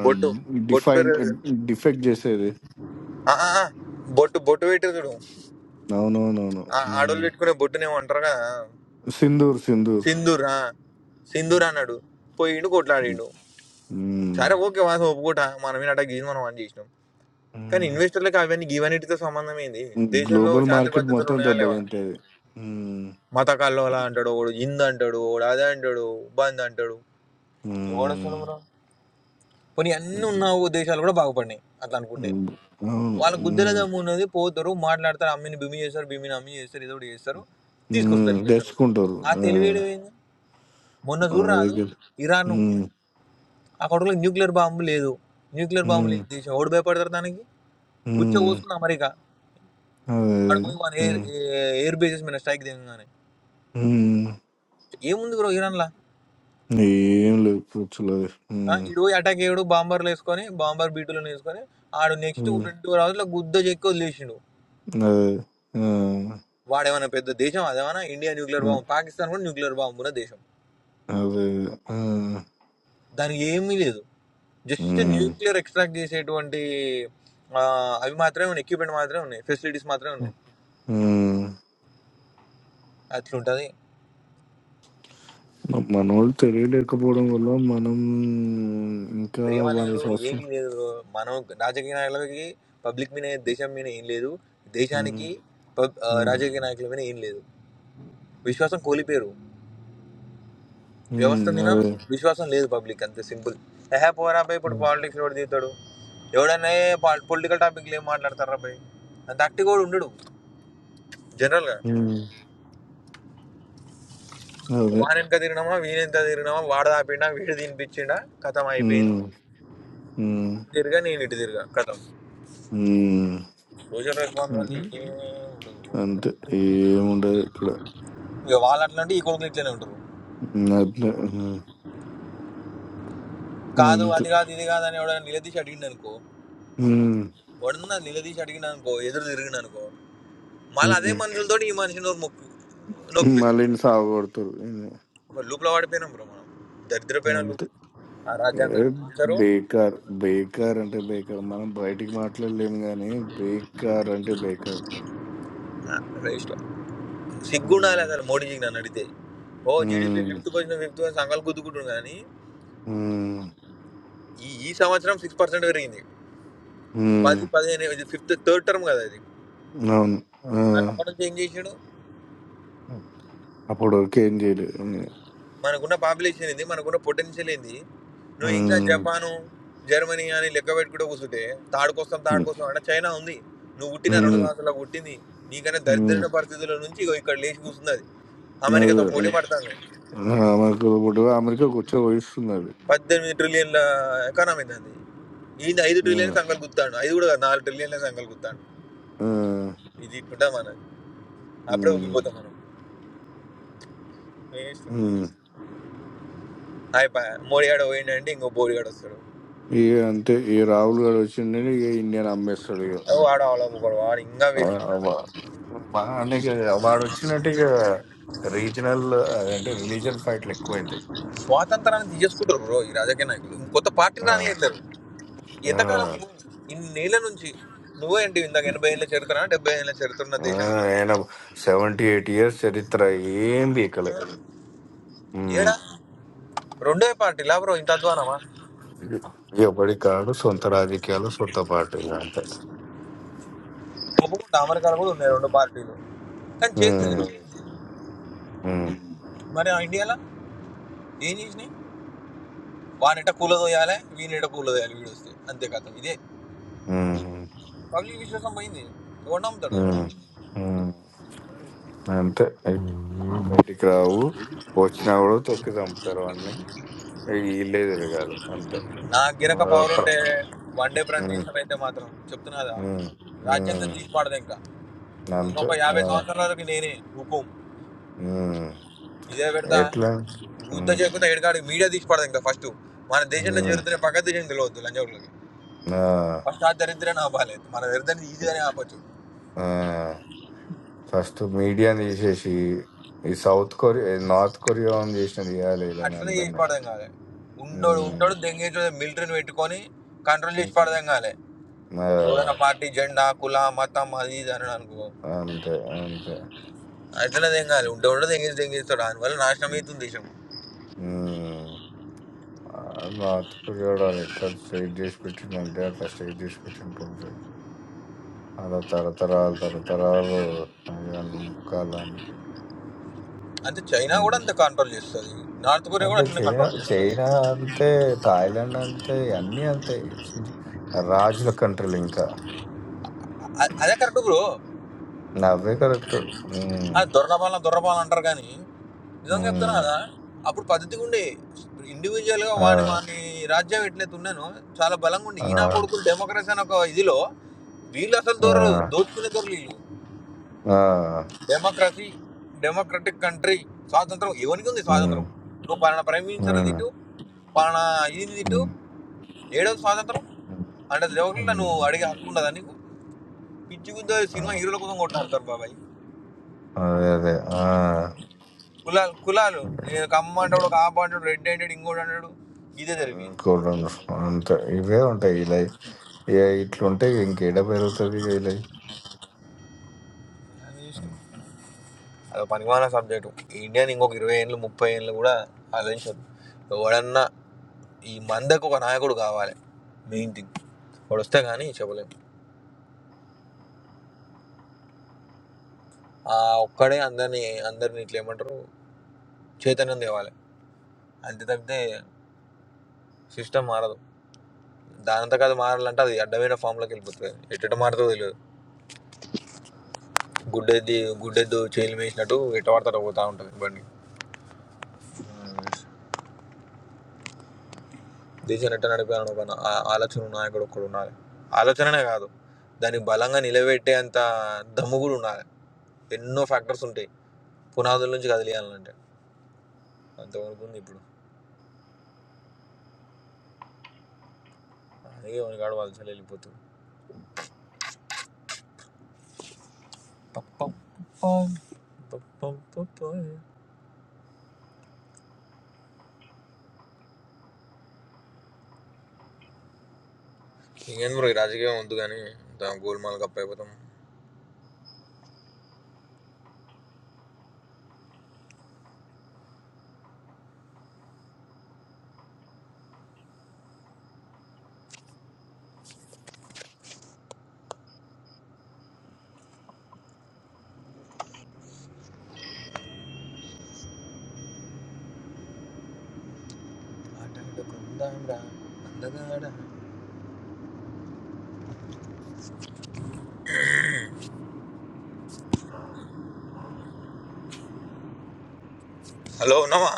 [SPEAKER 1] బొట్టు బొట్టు
[SPEAKER 3] డిఫైన్
[SPEAKER 1] పేరు
[SPEAKER 3] డిఫెక్ట్ చేసేది
[SPEAKER 1] ఆ, ఆ, ఆ, బొట్టు బొట్టు పెట్టారు చూడు
[SPEAKER 3] అవునవునవును
[SPEAKER 1] ఆ,
[SPEAKER 3] ఉమ్.
[SPEAKER 1] ఆడోళ్ళు పెట్టుకునే బొట్టునేమో అంటారుగా
[SPEAKER 3] సింధూర్ సింధూర్
[SPEAKER 1] సింధూర్ ఆ, సింధూర్ అన్నాడు పోయిండు
[SPEAKER 3] ఉమ్.
[SPEAKER 1] కొట్లాడిండు
[SPEAKER 3] ఉమ్.
[SPEAKER 1] సరే ఓకే వాసు ఒప్పుకోట మనమే అట్లా గీజ్ మనం అని చేసినాం కానీ ఇన్వెస్టర్లకు అవన్నీ గీవన్నిటితో సంబంధం ఏంది దేశంలో
[SPEAKER 3] గ్లోబల్
[SPEAKER 1] శాంతి
[SPEAKER 3] మార్కెట్
[SPEAKER 1] పద్ధతులు
[SPEAKER 3] మొత్తం
[SPEAKER 1] ఉన్నాయా లేవా
[SPEAKER 3] దెబ్బతింటది ఉమ్.
[SPEAKER 1] మత కల్లోలా అంటాడు ఒకడు హింద్ అంటాడు ఒకడు అదే అంటాడు బంద్ అంటాడు ఎవడు
[SPEAKER 3] ఉమ్.
[SPEAKER 1] వస్తున్నాడు బ్రో? పోనీ అన్నీ ఉన్న దేశాలు కూడా బాగుపడినాయి అట్లా అనుకుంటే
[SPEAKER 3] ఉమ్. అవును
[SPEAKER 1] వాళ్ళ గుద్దెల
[SPEAKER 3] ఉమ్.
[SPEAKER 1] దమ్ము ఉన్నది పోతారు మాట్లాడతారు అమ్మిని బిమి చేస్తారు బిమిని అమ్మి చేస్తారు ఏదో ఒకటి చేస్తారు తీసుకొస్తారు
[SPEAKER 3] ఉమ్.
[SPEAKER 1] ఇన్వెస్టర్లు
[SPEAKER 3] తెచ్చుకుంటారు
[SPEAKER 1] ఆ
[SPEAKER 3] ఆ.
[SPEAKER 1] తెలివేయడం ఏంది మొన్న చూడు
[SPEAKER 3] మన
[SPEAKER 1] రాదు
[SPEAKER 3] దగ్గర
[SPEAKER 1] ఇరాన్
[SPEAKER 3] ఉమ్.
[SPEAKER 1] ఆ కొడుకులకు న్యూక్లియర్ బాంబు లేదు న్యూక్లియర్ బాంబు
[SPEAKER 3] ఉమ్.
[SPEAKER 1] లేని దేశం ఎవడు భయపడతారు దానికి ఉచ్చ
[SPEAKER 3] ఉమ్.
[SPEAKER 1] పోసుకుంది అమెరికా
[SPEAKER 3] అదే
[SPEAKER 1] వాడు
[SPEAKER 3] అదే.
[SPEAKER 1] పోయి వాని ఎయిర్
[SPEAKER 3] ఉమ్.
[SPEAKER 1] ఎయిర్ బేసెస్ మీద స్ట్రైక్ దిగంగానే
[SPEAKER 3] ఉమ్.
[SPEAKER 1] ఏముంది బ్రో ఇరాన్లా
[SPEAKER 3] ఏం లేదు
[SPEAKER 1] ఇడు
[SPEAKER 3] కూర్చోలేదు
[SPEAKER 1] పోయి అటాక్ అయ్యాడు బాంబర్లు వేసుకొని బాంబర్ బీటులను వేసుకొని ఆడు నెక్స్ట్ ట్వంటీ ఫోర్ అవర్స్లో గుద్ద చెక్కి వదిలేసిండు
[SPEAKER 3] అదే. ఆ,
[SPEAKER 1] వాడేమైనా పెద్ద దేశం అదేమైనా ఇండియా న్యూక్లియర్
[SPEAKER 3] ఆ,
[SPEAKER 1] బాంబు పాకిస్తాన్ కూడా న్యూక్లియర్ బాంబు ఉన్న దేశం
[SPEAKER 3] అదే. ఆ,
[SPEAKER 1] దానికి ఏమీ లేదు జస్ట్
[SPEAKER 3] ఉమ్,
[SPEAKER 1] న్యూక్లియర్ ఎక్స్ట్రాక్ట్ చేసేటువంటి ఆ, అవి మాత్రమే ఉన్నాయి ఎక్విప్మెంట్ మాత్రమే ఉన్నాయి ఫెసిలిటీస్ మాత్రమే ఉన్నాయి
[SPEAKER 3] ఉమ్.
[SPEAKER 1] అట్లుంటుంది
[SPEAKER 3] మనోళ్ళు తెలియలేకపోవడం వల్ల మనం ఇంకా
[SPEAKER 1] ప్రేమ
[SPEAKER 3] వంద
[SPEAKER 1] లేదు
[SPEAKER 3] సంవత్సరం
[SPEAKER 1] ఏమీ లేదు మనం రాజకీయ నాయకులకి పబ్లిక్ మీద దేశం మీద ఏం లేదు దేశానికి
[SPEAKER 3] ఉమ్,
[SPEAKER 1] పబ్- ఆ,
[SPEAKER 3] ఉమ్,
[SPEAKER 1] రాజకీయ నాయకుల మీద ఏం లేదు విశ్వాసం కోల్పోయారు
[SPEAKER 3] ఉమ్,
[SPEAKER 1] వ్యవస్థ మీద
[SPEAKER 3] అదే
[SPEAKER 1] విశ్వాసం లేదు పబ్లిక్ అంతే సింపుల్ ఏహే పోరాపై ఇప్పుడు
[SPEAKER 3] ఉమ్,
[SPEAKER 1] పాలిటిక్స్ రోడ్ తీస్తాడు ఎవడన్నా పొలిటికల్ టాపిక్లు ఏం మాట్లాడతారా పై అంత అట్టి కూడా ఉండడు జనరల్గా
[SPEAKER 3] ఉమ్, అదే
[SPEAKER 1] వాని వెనక తిరిగినామా వీని ఎంత తిరిగినామా వాడు తాపిండా వీడు తినిపించిండా కథం అయిపోయింది
[SPEAKER 3] ఉమ్, ఉమ్,
[SPEAKER 1] అటు తిరిగా నేను ఇటు తిరిగా కథం
[SPEAKER 3] ఉమ్.
[SPEAKER 1] సోషల్
[SPEAKER 3] ఉమ్.
[SPEAKER 1] రెస్పాన్సిబిలిటీ ఏమీ ఉండదు.
[SPEAKER 3] అంతే ఏముండదు ఇక్కడ
[SPEAKER 1] ఇక వాళ్ళు అట్లాంటి ఈ కొడుకులు ఇట్లనే ఉంటారు
[SPEAKER 3] ఉమ్, అట్లే. ఉమ్,
[SPEAKER 1] కాదు
[SPEAKER 3] అంతే
[SPEAKER 1] అది కాదు ఇది కాదు అని ఎవడైనా నిలదీసి అడిగిండు అనుకో
[SPEAKER 3] ఉమ్,
[SPEAKER 1] వాడన్నా నిలదీసి అడిగినా అనుకో ఎదురు తిరిగిన అనుకో మళ్ళీ అదే
[SPEAKER 3] ఉమ్.
[SPEAKER 1] మనుషులతో ఈ మనిషి నోరు మొక్కు నొక్కిపిస్తారు
[SPEAKER 3] మళ్ళీ సాగు కొడతారు
[SPEAKER 1] ఒక లూప్లో వాడిపోయినాం బ్రో మనం దరిద్రపోయిన
[SPEAKER 3] అంతే
[SPEAKER 1] లూప్ ఆ
[SPEAKER 3] ఏ,
[SPEAKER 1] రాజ్యాంగం మార్చారు
[SPEAKER 3] బేకార్ బేకార్ అంటే బేకార్ మనం బయటికి మాట్లాడలేం కానీ బేకార్ అంటే బేకార్
[SPEAKER 1] రేస్లో సిగ్గుండాలి
[SPEAKER 3] ఉమ్,
[SPEAKER 1] అసలు మోడీజీకి నన్ను అడిగితే ఓ GDP
[SPEAKER 3] um,
[SPEAKER 1] fifth position fifth position సంఘాలు గుద్దుకుంటున్నాం కానీ
[SPEAKER 3] ఉమ్,
[SPEAKER 1] ఈ ఈ సంవత్సరం సిక్స్ పర్సెంట్ పెరిగింది
[SPEAKER 3] ఉమ్,
[SPEAKER 1] పది పదిహేను ఇది ఫిఫ్త్ థర్డ్ టర్మ్ కదా ఇది
[SPEAKER 3] అవును ఆ,
[SPEAKER 1] కానీ అప్పటి నుంచి ఏం చేసాడు
[SPEAKER 3] అప్పుడు వరకు ఏం చేయలేదు ఉమ్,
[SPEAKER 1] మనకున్న పాపులేషన్ ఏంది మనకున్న పొటెన్షియల్ ఏంది నువ్వు ఇంకా
[SPEAKER 3] ఉమ్,
[SPEAKER 1] జపాను జర్మనీ అని లెక్క పెట్టుకుంటూ కూర్చుంటే తాడుకొస్తాం తాడుకొస్తాం అంటే చైనా ఉంది నువ్వు పుట్టిన రెండు సంవత్సరాలకు పుట్టింది నీకన్నా
[SPEAKER 3] ఉమ్,
[SPEAKER 1] దరిద్రమైన పరిస్థితుల నుంచి ఇగో ఇక్కడ లేచి కూర్చుంది అది అమెరికాతో పోటీ
[SPEAKER 3] అదే,
[SPEAKER 1] పడుతుంది
[SPEAKER 3] ఆ, అమెరికాలో పుట్టి అమెరికా కూర్చో వహిస్తున్నది
[SPEAKER 1] పద్దెనిమిది ట్రిలియన్ల ఎకానమీ దాన్ని ఈయన ఐదు
[SPEAKER 3] ఆ,
[SPEAKER 1] ట్రిలియన్ సంఖ్యలు గుర్తాడు ఐదు కూడా కాదు, నాలుగు ట్రిలియన్ల సంఖ్యలు గుర్తాడు
[SPEAKER 3] ఆ,
[SPEAKER 1] ఇది ఇట్లుంటా మనం అప్పుడే
[SPEAKER 3] ఉమ్,
[SPEAKER 1] ఉబ్బిపోతాం మనం
[SPEAKER 3] ఉమ్.
[SPEAKER 1] అయిపోయా మోడీగాడు పోయిండంటే ఇంకో బోడిగాడు వస్తాడు
[SPEAKER 3] ఇక అంతే ఈ రాహుల్ గారు వచ్చిండే ఇక ఇండియన్ అమ్మేస్తాడు
[SPEAKER 1] ఓ వాడు అవలం వాడు ఇంకా వేస్ట్
[SPEAKER 3] మా నీకు వాడు వచ్చినట్టు ఇక రీజనల్ అదంటే రిలీజియన్ ఫైట్లు ఎక్కువైతాయి
[SPEAKER 1] స్వాతంత్రాన్ని తీసేసుకుంటారు బ్రో ఈ రాజకీయ నాయకులు కొత్త పార్టీ
[SPEAKER 3] ఆ,
[SPEAKER 1] రానియట్లేరు
[SPEAKER 3] ఆ,
[SPEAKER 1] ఎంతకాలం నేల నుంచి నువ్వే అంటే ఇందాక ఎనభై ఏళ్ళ చరిత్ర డెబ్బై ఏళ్ళ చరిత్ర ఉన్న
[SPEAKER 3] ఆ,
[SPEAKER 1] దేశం ఇది.
[SPEAKER 3] ఆయన సెవెంటీ ఎయిట్ ఇయర్స్ చరిత్ర ఏం బీకలే ఉమ్.
[SPEAKER 1] ఏడా రెండే పార్టీలా బ్రో ఇంత అధ్వానమా
[SPEAKER 3] ఎవడి కాడు సొంత రాజకీయాలు సొంత పార్టీలు అంతే
[SPEAKER 1] ఒప్పుకుంటా అమెరికాలో కూడా ఉన్నాయి రెండు పార్టీలు కానీ
[SPEAKER 3] ఉమ్,
[SPEAKER 1] చేస్తుంది
[SPEAKER 3] ఉమ్,
[SPEAKER 1] మరి ఆ ఇండియాలో ఏం చేసినాయి వానెట కూలదోయాలి వీనెట కూలదోయాలి వీడు వస్తే అంతే కథ ఇదే
[SPEAKER 3] ఉమ్,
[SPEAKER 1] పబ్లిక్ విశ్వాసం పోయింది ఎవడు నమ్ముతాడు
[SPEAKER 3] ఉమ్, ఉమ్. అంతే బయటికి రావు వచ్చినా కూడా తొక్కి చంపుతారు అన్ని వీళ్ళే తిరగాలి అంతే
[SPEAKER 1] నాకు
[SPEAKER 3] ఆ,
[SPEAKER 1] గిరక పవర్ ఉంటే
[SPEAKER 3] ప్ర-
[SPEAKER 1] వన్ డే ప్రైమ్ మినిస్టర్ అయితే మాత్రం చెప్తున్నదా
[SPEAKER 3] హ్మ్.
[SPEAKER 1] రాజ్యాంగం
[SPEAKER 3] హ్మ్.
[SPEAKER 1] తీసిపడదు ఇంకా
[SPEAKER 3] అంతే.
[SPEAKER 1] ఇంకొక
[SPEAKER 3] ఆ!
[SPEAKER 1] యాభై సంవత్సరాల వరకు నేనే హుకుం
[SPEAKER 3] హ్మ్.
[SPEAKER 1] ఇదే పెడతా
[SPEAKER 3] ఎట్లా
[SPEAKER 1] గుద్ద
[SPEAKER 3] హ్మ్.
[SPEAKER 1] చేయకుండా ఎడగాడికి మీడియా తీసిపడదు ఇంకా ఫస్ట్ మన దేశంలో
[SPEAKER 3] హ్మ్.
[SPEAKER 1] జరుగుతున్న పక్క దేశం తెలియవద్దు లంచకులకి
[SPEAKER 3] ఆ!
[SPEAKER 1] ఫస్ట్ ఆ దరిద్రాన్ని ఆపాలేదు మన దరిద్రాన్ని ఈజీగానే ఆపొచ్చు
[SPEAKER 3] ఆ! ఫస్ట్ మీడియాని తీసేసి, ఈ సౌత్ కొరియా నార్త్ కొరియాని చేసినట్టు చేయాలి ఈళ్ళని
[SPEAKER 1] అట్లనే చేసి
[SPEAKER 3] అందరిని.
[SPEAKER 1] పడదాం కాలే ఉండోడు
[SPEAKER 3] హ్మ్.
[SPEAKER 1] ఉంటాడు దెంగేటోడు మిలిటరీని పెట్టుకొని కంట్రోల్ చేసి
[SPEAKER 3] హ్మ్.
[SPEAKER 1] పడదాం కాలే
[SPEAKER 3] ఆ!
[SPEAKER 1] ఎవరైనా పార్టీ జెండా కుల మతం అది ఇది అని అనుకో
[SPEAKER 3] అంతే. అంతే.
[SPEAKER 1] అట్లనే తెంగాలి ఉంటే ఉండదు ఎంగేజ్ తెంగేస్తాడు దానివల్ల నాశనం అవుతుంది
[SPEAKER 3] హ్మ్.
[SPEAKER 1] దేశం
[SPEAKER 3] హ్మ్. ఆడు నార్త్ కొరియాడాడు ఎట్లా స్ట్రెయిట్ చేసి పెట్టిండంటే అట్లా స్ట్రెయిట్ చేసి పెట్టినట్టుంది. అలా తరతరాలు తరతరాలు అయ్యా ముక్కాలానికి.
[SPEAKER 1] అంటే చైనా కూడా
[SPEAKER 3] ఉమ్.
[SPEAKER 1] అంత కంట్రోల్ చేస్తుంది నార్త్ కొరియా కూడా
[SPEAKER 3] అంటే
[SPEAKER 1] అట్లనే
[SPEAKER 3] చైనా
[SPEAKER 1] కంట్రోల్ చేస్తుంది
[SPEAKER 3] చైనా అంతే థాయిలాండ్ అంతే అన్నీ అంతే చి- రాజుల కంట్రీలు ఇంకా
[SPEAKER 1] అ- అదే కరెక్ట్ బ్రో
[SPEAKER 3] నవ్వే కరెక్ట్ ఉమ్,
[SPEAKER 1] ఆ దొరపాలన దొరపాలన అంటారు కానీ నిజంగా చెప్తాను
[SPEAKER 3] ఉమ్,
[SPEAKER 1] కదా అప్పుడు పద్ధతిగా ఉండే ఇండివిజువల్గా
[SPEAKER 3] ఆ,
[SPEAKER 1] వాని వాని రాజ్యం ఎట్లయితే ఉన్నానో చాలా బలంగా ఉండే
[SPEAKER 3] ఆ,
[SPEAKER 1] ఈయన కొడుకులు డెమోక్రసీ అనే ఒక ఇదిలో వీళ్ళు అసలు
[SPEAKER 3] ఆ,
[SPEAKER 1] దొరలు దోచుకునే దొరలు వీళ్ళు
[SPEAKER 3] ఆ,
[SPEAKER 1] డెమోక్రసీ డెమోక్రటిక్ కంట్రీ స్వాతంత్రం ఎవరికి ఉంది
[SPEAKER 3] ఉమ్,
[SPEAKER 1] స్వాతంత్రం నువ్వు పలానా ప్రైమ్ మినిస్టర్
[SPEAKER 3] ఉమ్,
[SPEAKER 1] తిట్టు పలానా ఇది తిట్టు
[SPEAKER 3] ఉమ్,
[SPEAKER 1] ఏడవది స్వాతంత్రం
[SPEAKER 3] ఉమ్,
[SPEAKER 1] అంటే ఎవరిలో నువ్వు
[SPEAKER 3] ఉమ్,
[SPEAKER 1] అడిగే హక్కు ఉండదా నీకు పిచ్చి గుద్ద
[SPEAKER 3] ఆ,
[SPEAKER 1] సినిమా హీరోల కోసం కొట్టాడుతారు బాబాయ్
[SPEAKER 3] అదే అదే ఆ,
[SPEAKER 1] కులాలు కులాలు నేను కమ్మ అంటాడు కాప అంటాడు రెడ్ అంటాడు ఇంకోటి అంటాడు ఇదే జరిపేది
[SPEAKER 3] ఇంకోటి అంతే ఇవే ఉంటాయి ఇలా ఇట్లుంటే ఇంకేడ పెరుగుతుంది ఇలా
[SPEAKER 1] అది ఇష్టం. అదో పనిమాల సబ్జెక్టు ఇండియాని ఇంకొక ఇరవై ఏళ్ళు ముప్పై ఏళ్ళు కూడా ఆలోచించదు ఎవడన్నా ఈ మందకు ఒక నాయకుడు కావాలి మెయిన్ థింగ్ వాడు వస్తే కానీ చెప్పలేం ఆ ఒక్కడే అందరినీ అందరినీ ఇట్లా ఏమంటారు చైతన్యం తేవాలి అంతే తప్పితే సిస్టమ్ మారదు దానంతకు అది మారాలంటే అది అడ్డమైన ఫామ్లోకి వెళ్ళిపోతుంది ఎట్ట మారుతుందో తెలియదు గుడ్డెద్ది గుడ్డెద్దు చేయలు వేసినట్టు ఎట్ట పడతాడో పోతా ఉంటుంది బండి దేశం ఎట్ట నడిపాలని ఒక నా- ఆ- ఆలోచన ఉన్న నాయకుడు ఒక్కడు ఉండాలి ఆలోచననే కాదు దాన్ని బలంగా నిలబెట్టే అంత దమ్ము కూడా ఉండాలి ఎన్నో ఫ్యాక్టర్స్ ఉంటాయి పునాదుల నుంచి కదిలియాలంటే అంతవరకు ఉంది ఇప్పుడు అందుకే వాడి కాడు వాళ్ళు వెళ్ళిపోతుంది ఇంకేంది బ్రో ఈ రాజకీయం వద్దు కానీ ఇంత గోల్మాల్ కప్ అయిపోతాం హలో ఉన్నామా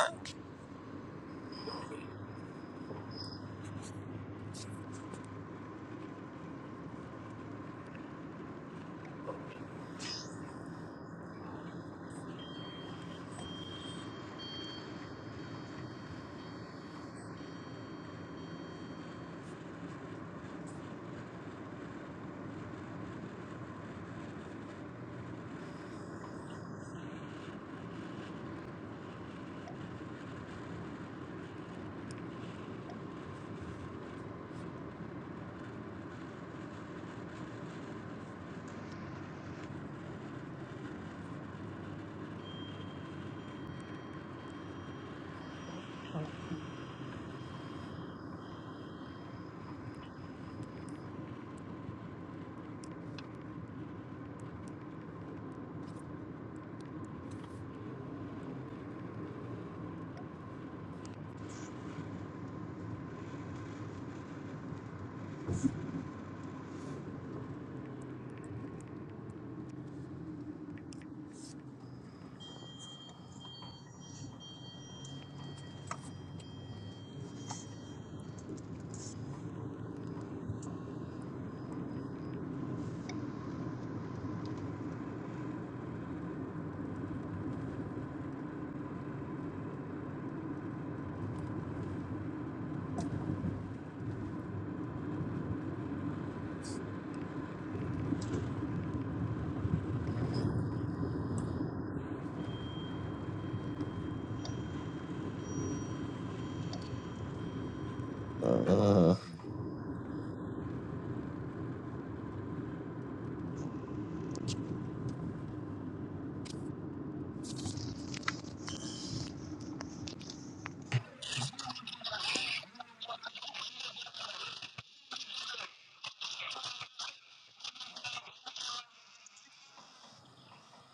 [SPEAKER 3] 呃，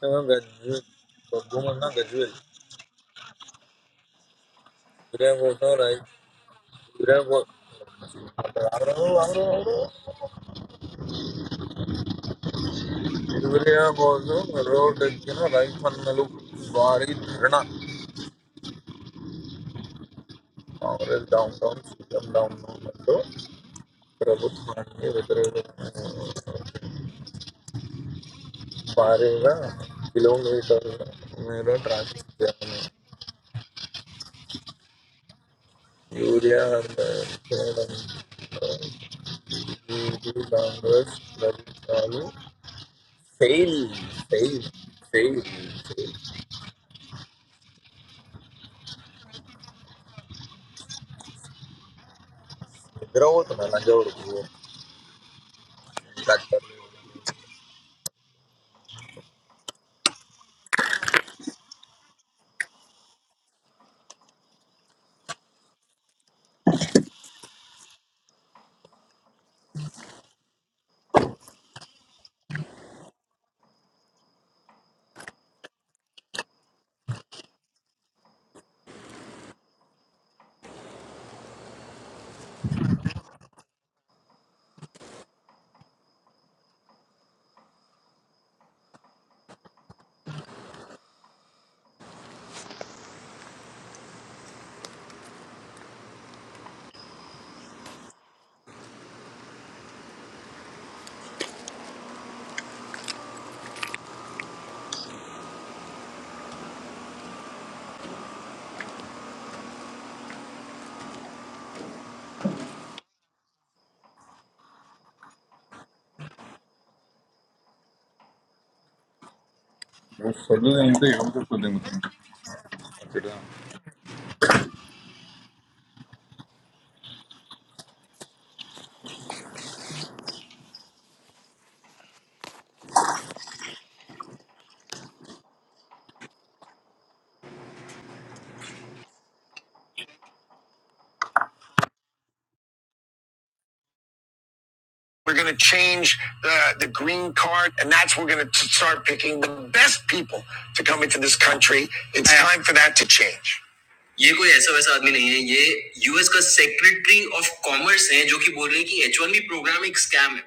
[SPEAKER 1] ఏమో గజ్జు బొగ్గుమన్నా గజ్జు వెళ్ళి యూరియా కోసం రై యూరియా కోసం యూరియా కోసం రోడ్డు ఎక్కిన రైతన్నలు భారీ ధరణ Congress down town CM down town అంటూ ప్రభుత్వాన్ని వ్యతిరేకంగా பாருங்க கிலோமீட்டர் மேல டிராஃபிக் ஜாம் யூரியா அந்த சேலம் இது காங்கிரஸ் வரிசாலும் ఫెయిల్ ఫెయిల్ ఫెయిల్ ఫెయిల్ నిద్రపోతున్నా నంజవరకు డాక్టర్ నువ్వు చదువుదంటే ఏం చపతుంద ఇక్కడ We're going to change the, the green card, and that's we're going to start picking the best people to come into this country. It's time for that to change. ये कोई ऐसा वैसा आदमी नहीं है ये यूएस का सेक्रेटरी ऑफ कॉमर्स है जो कि बोल रहे हैं कि एच वन बी प्रोग्राम एक स्कैम है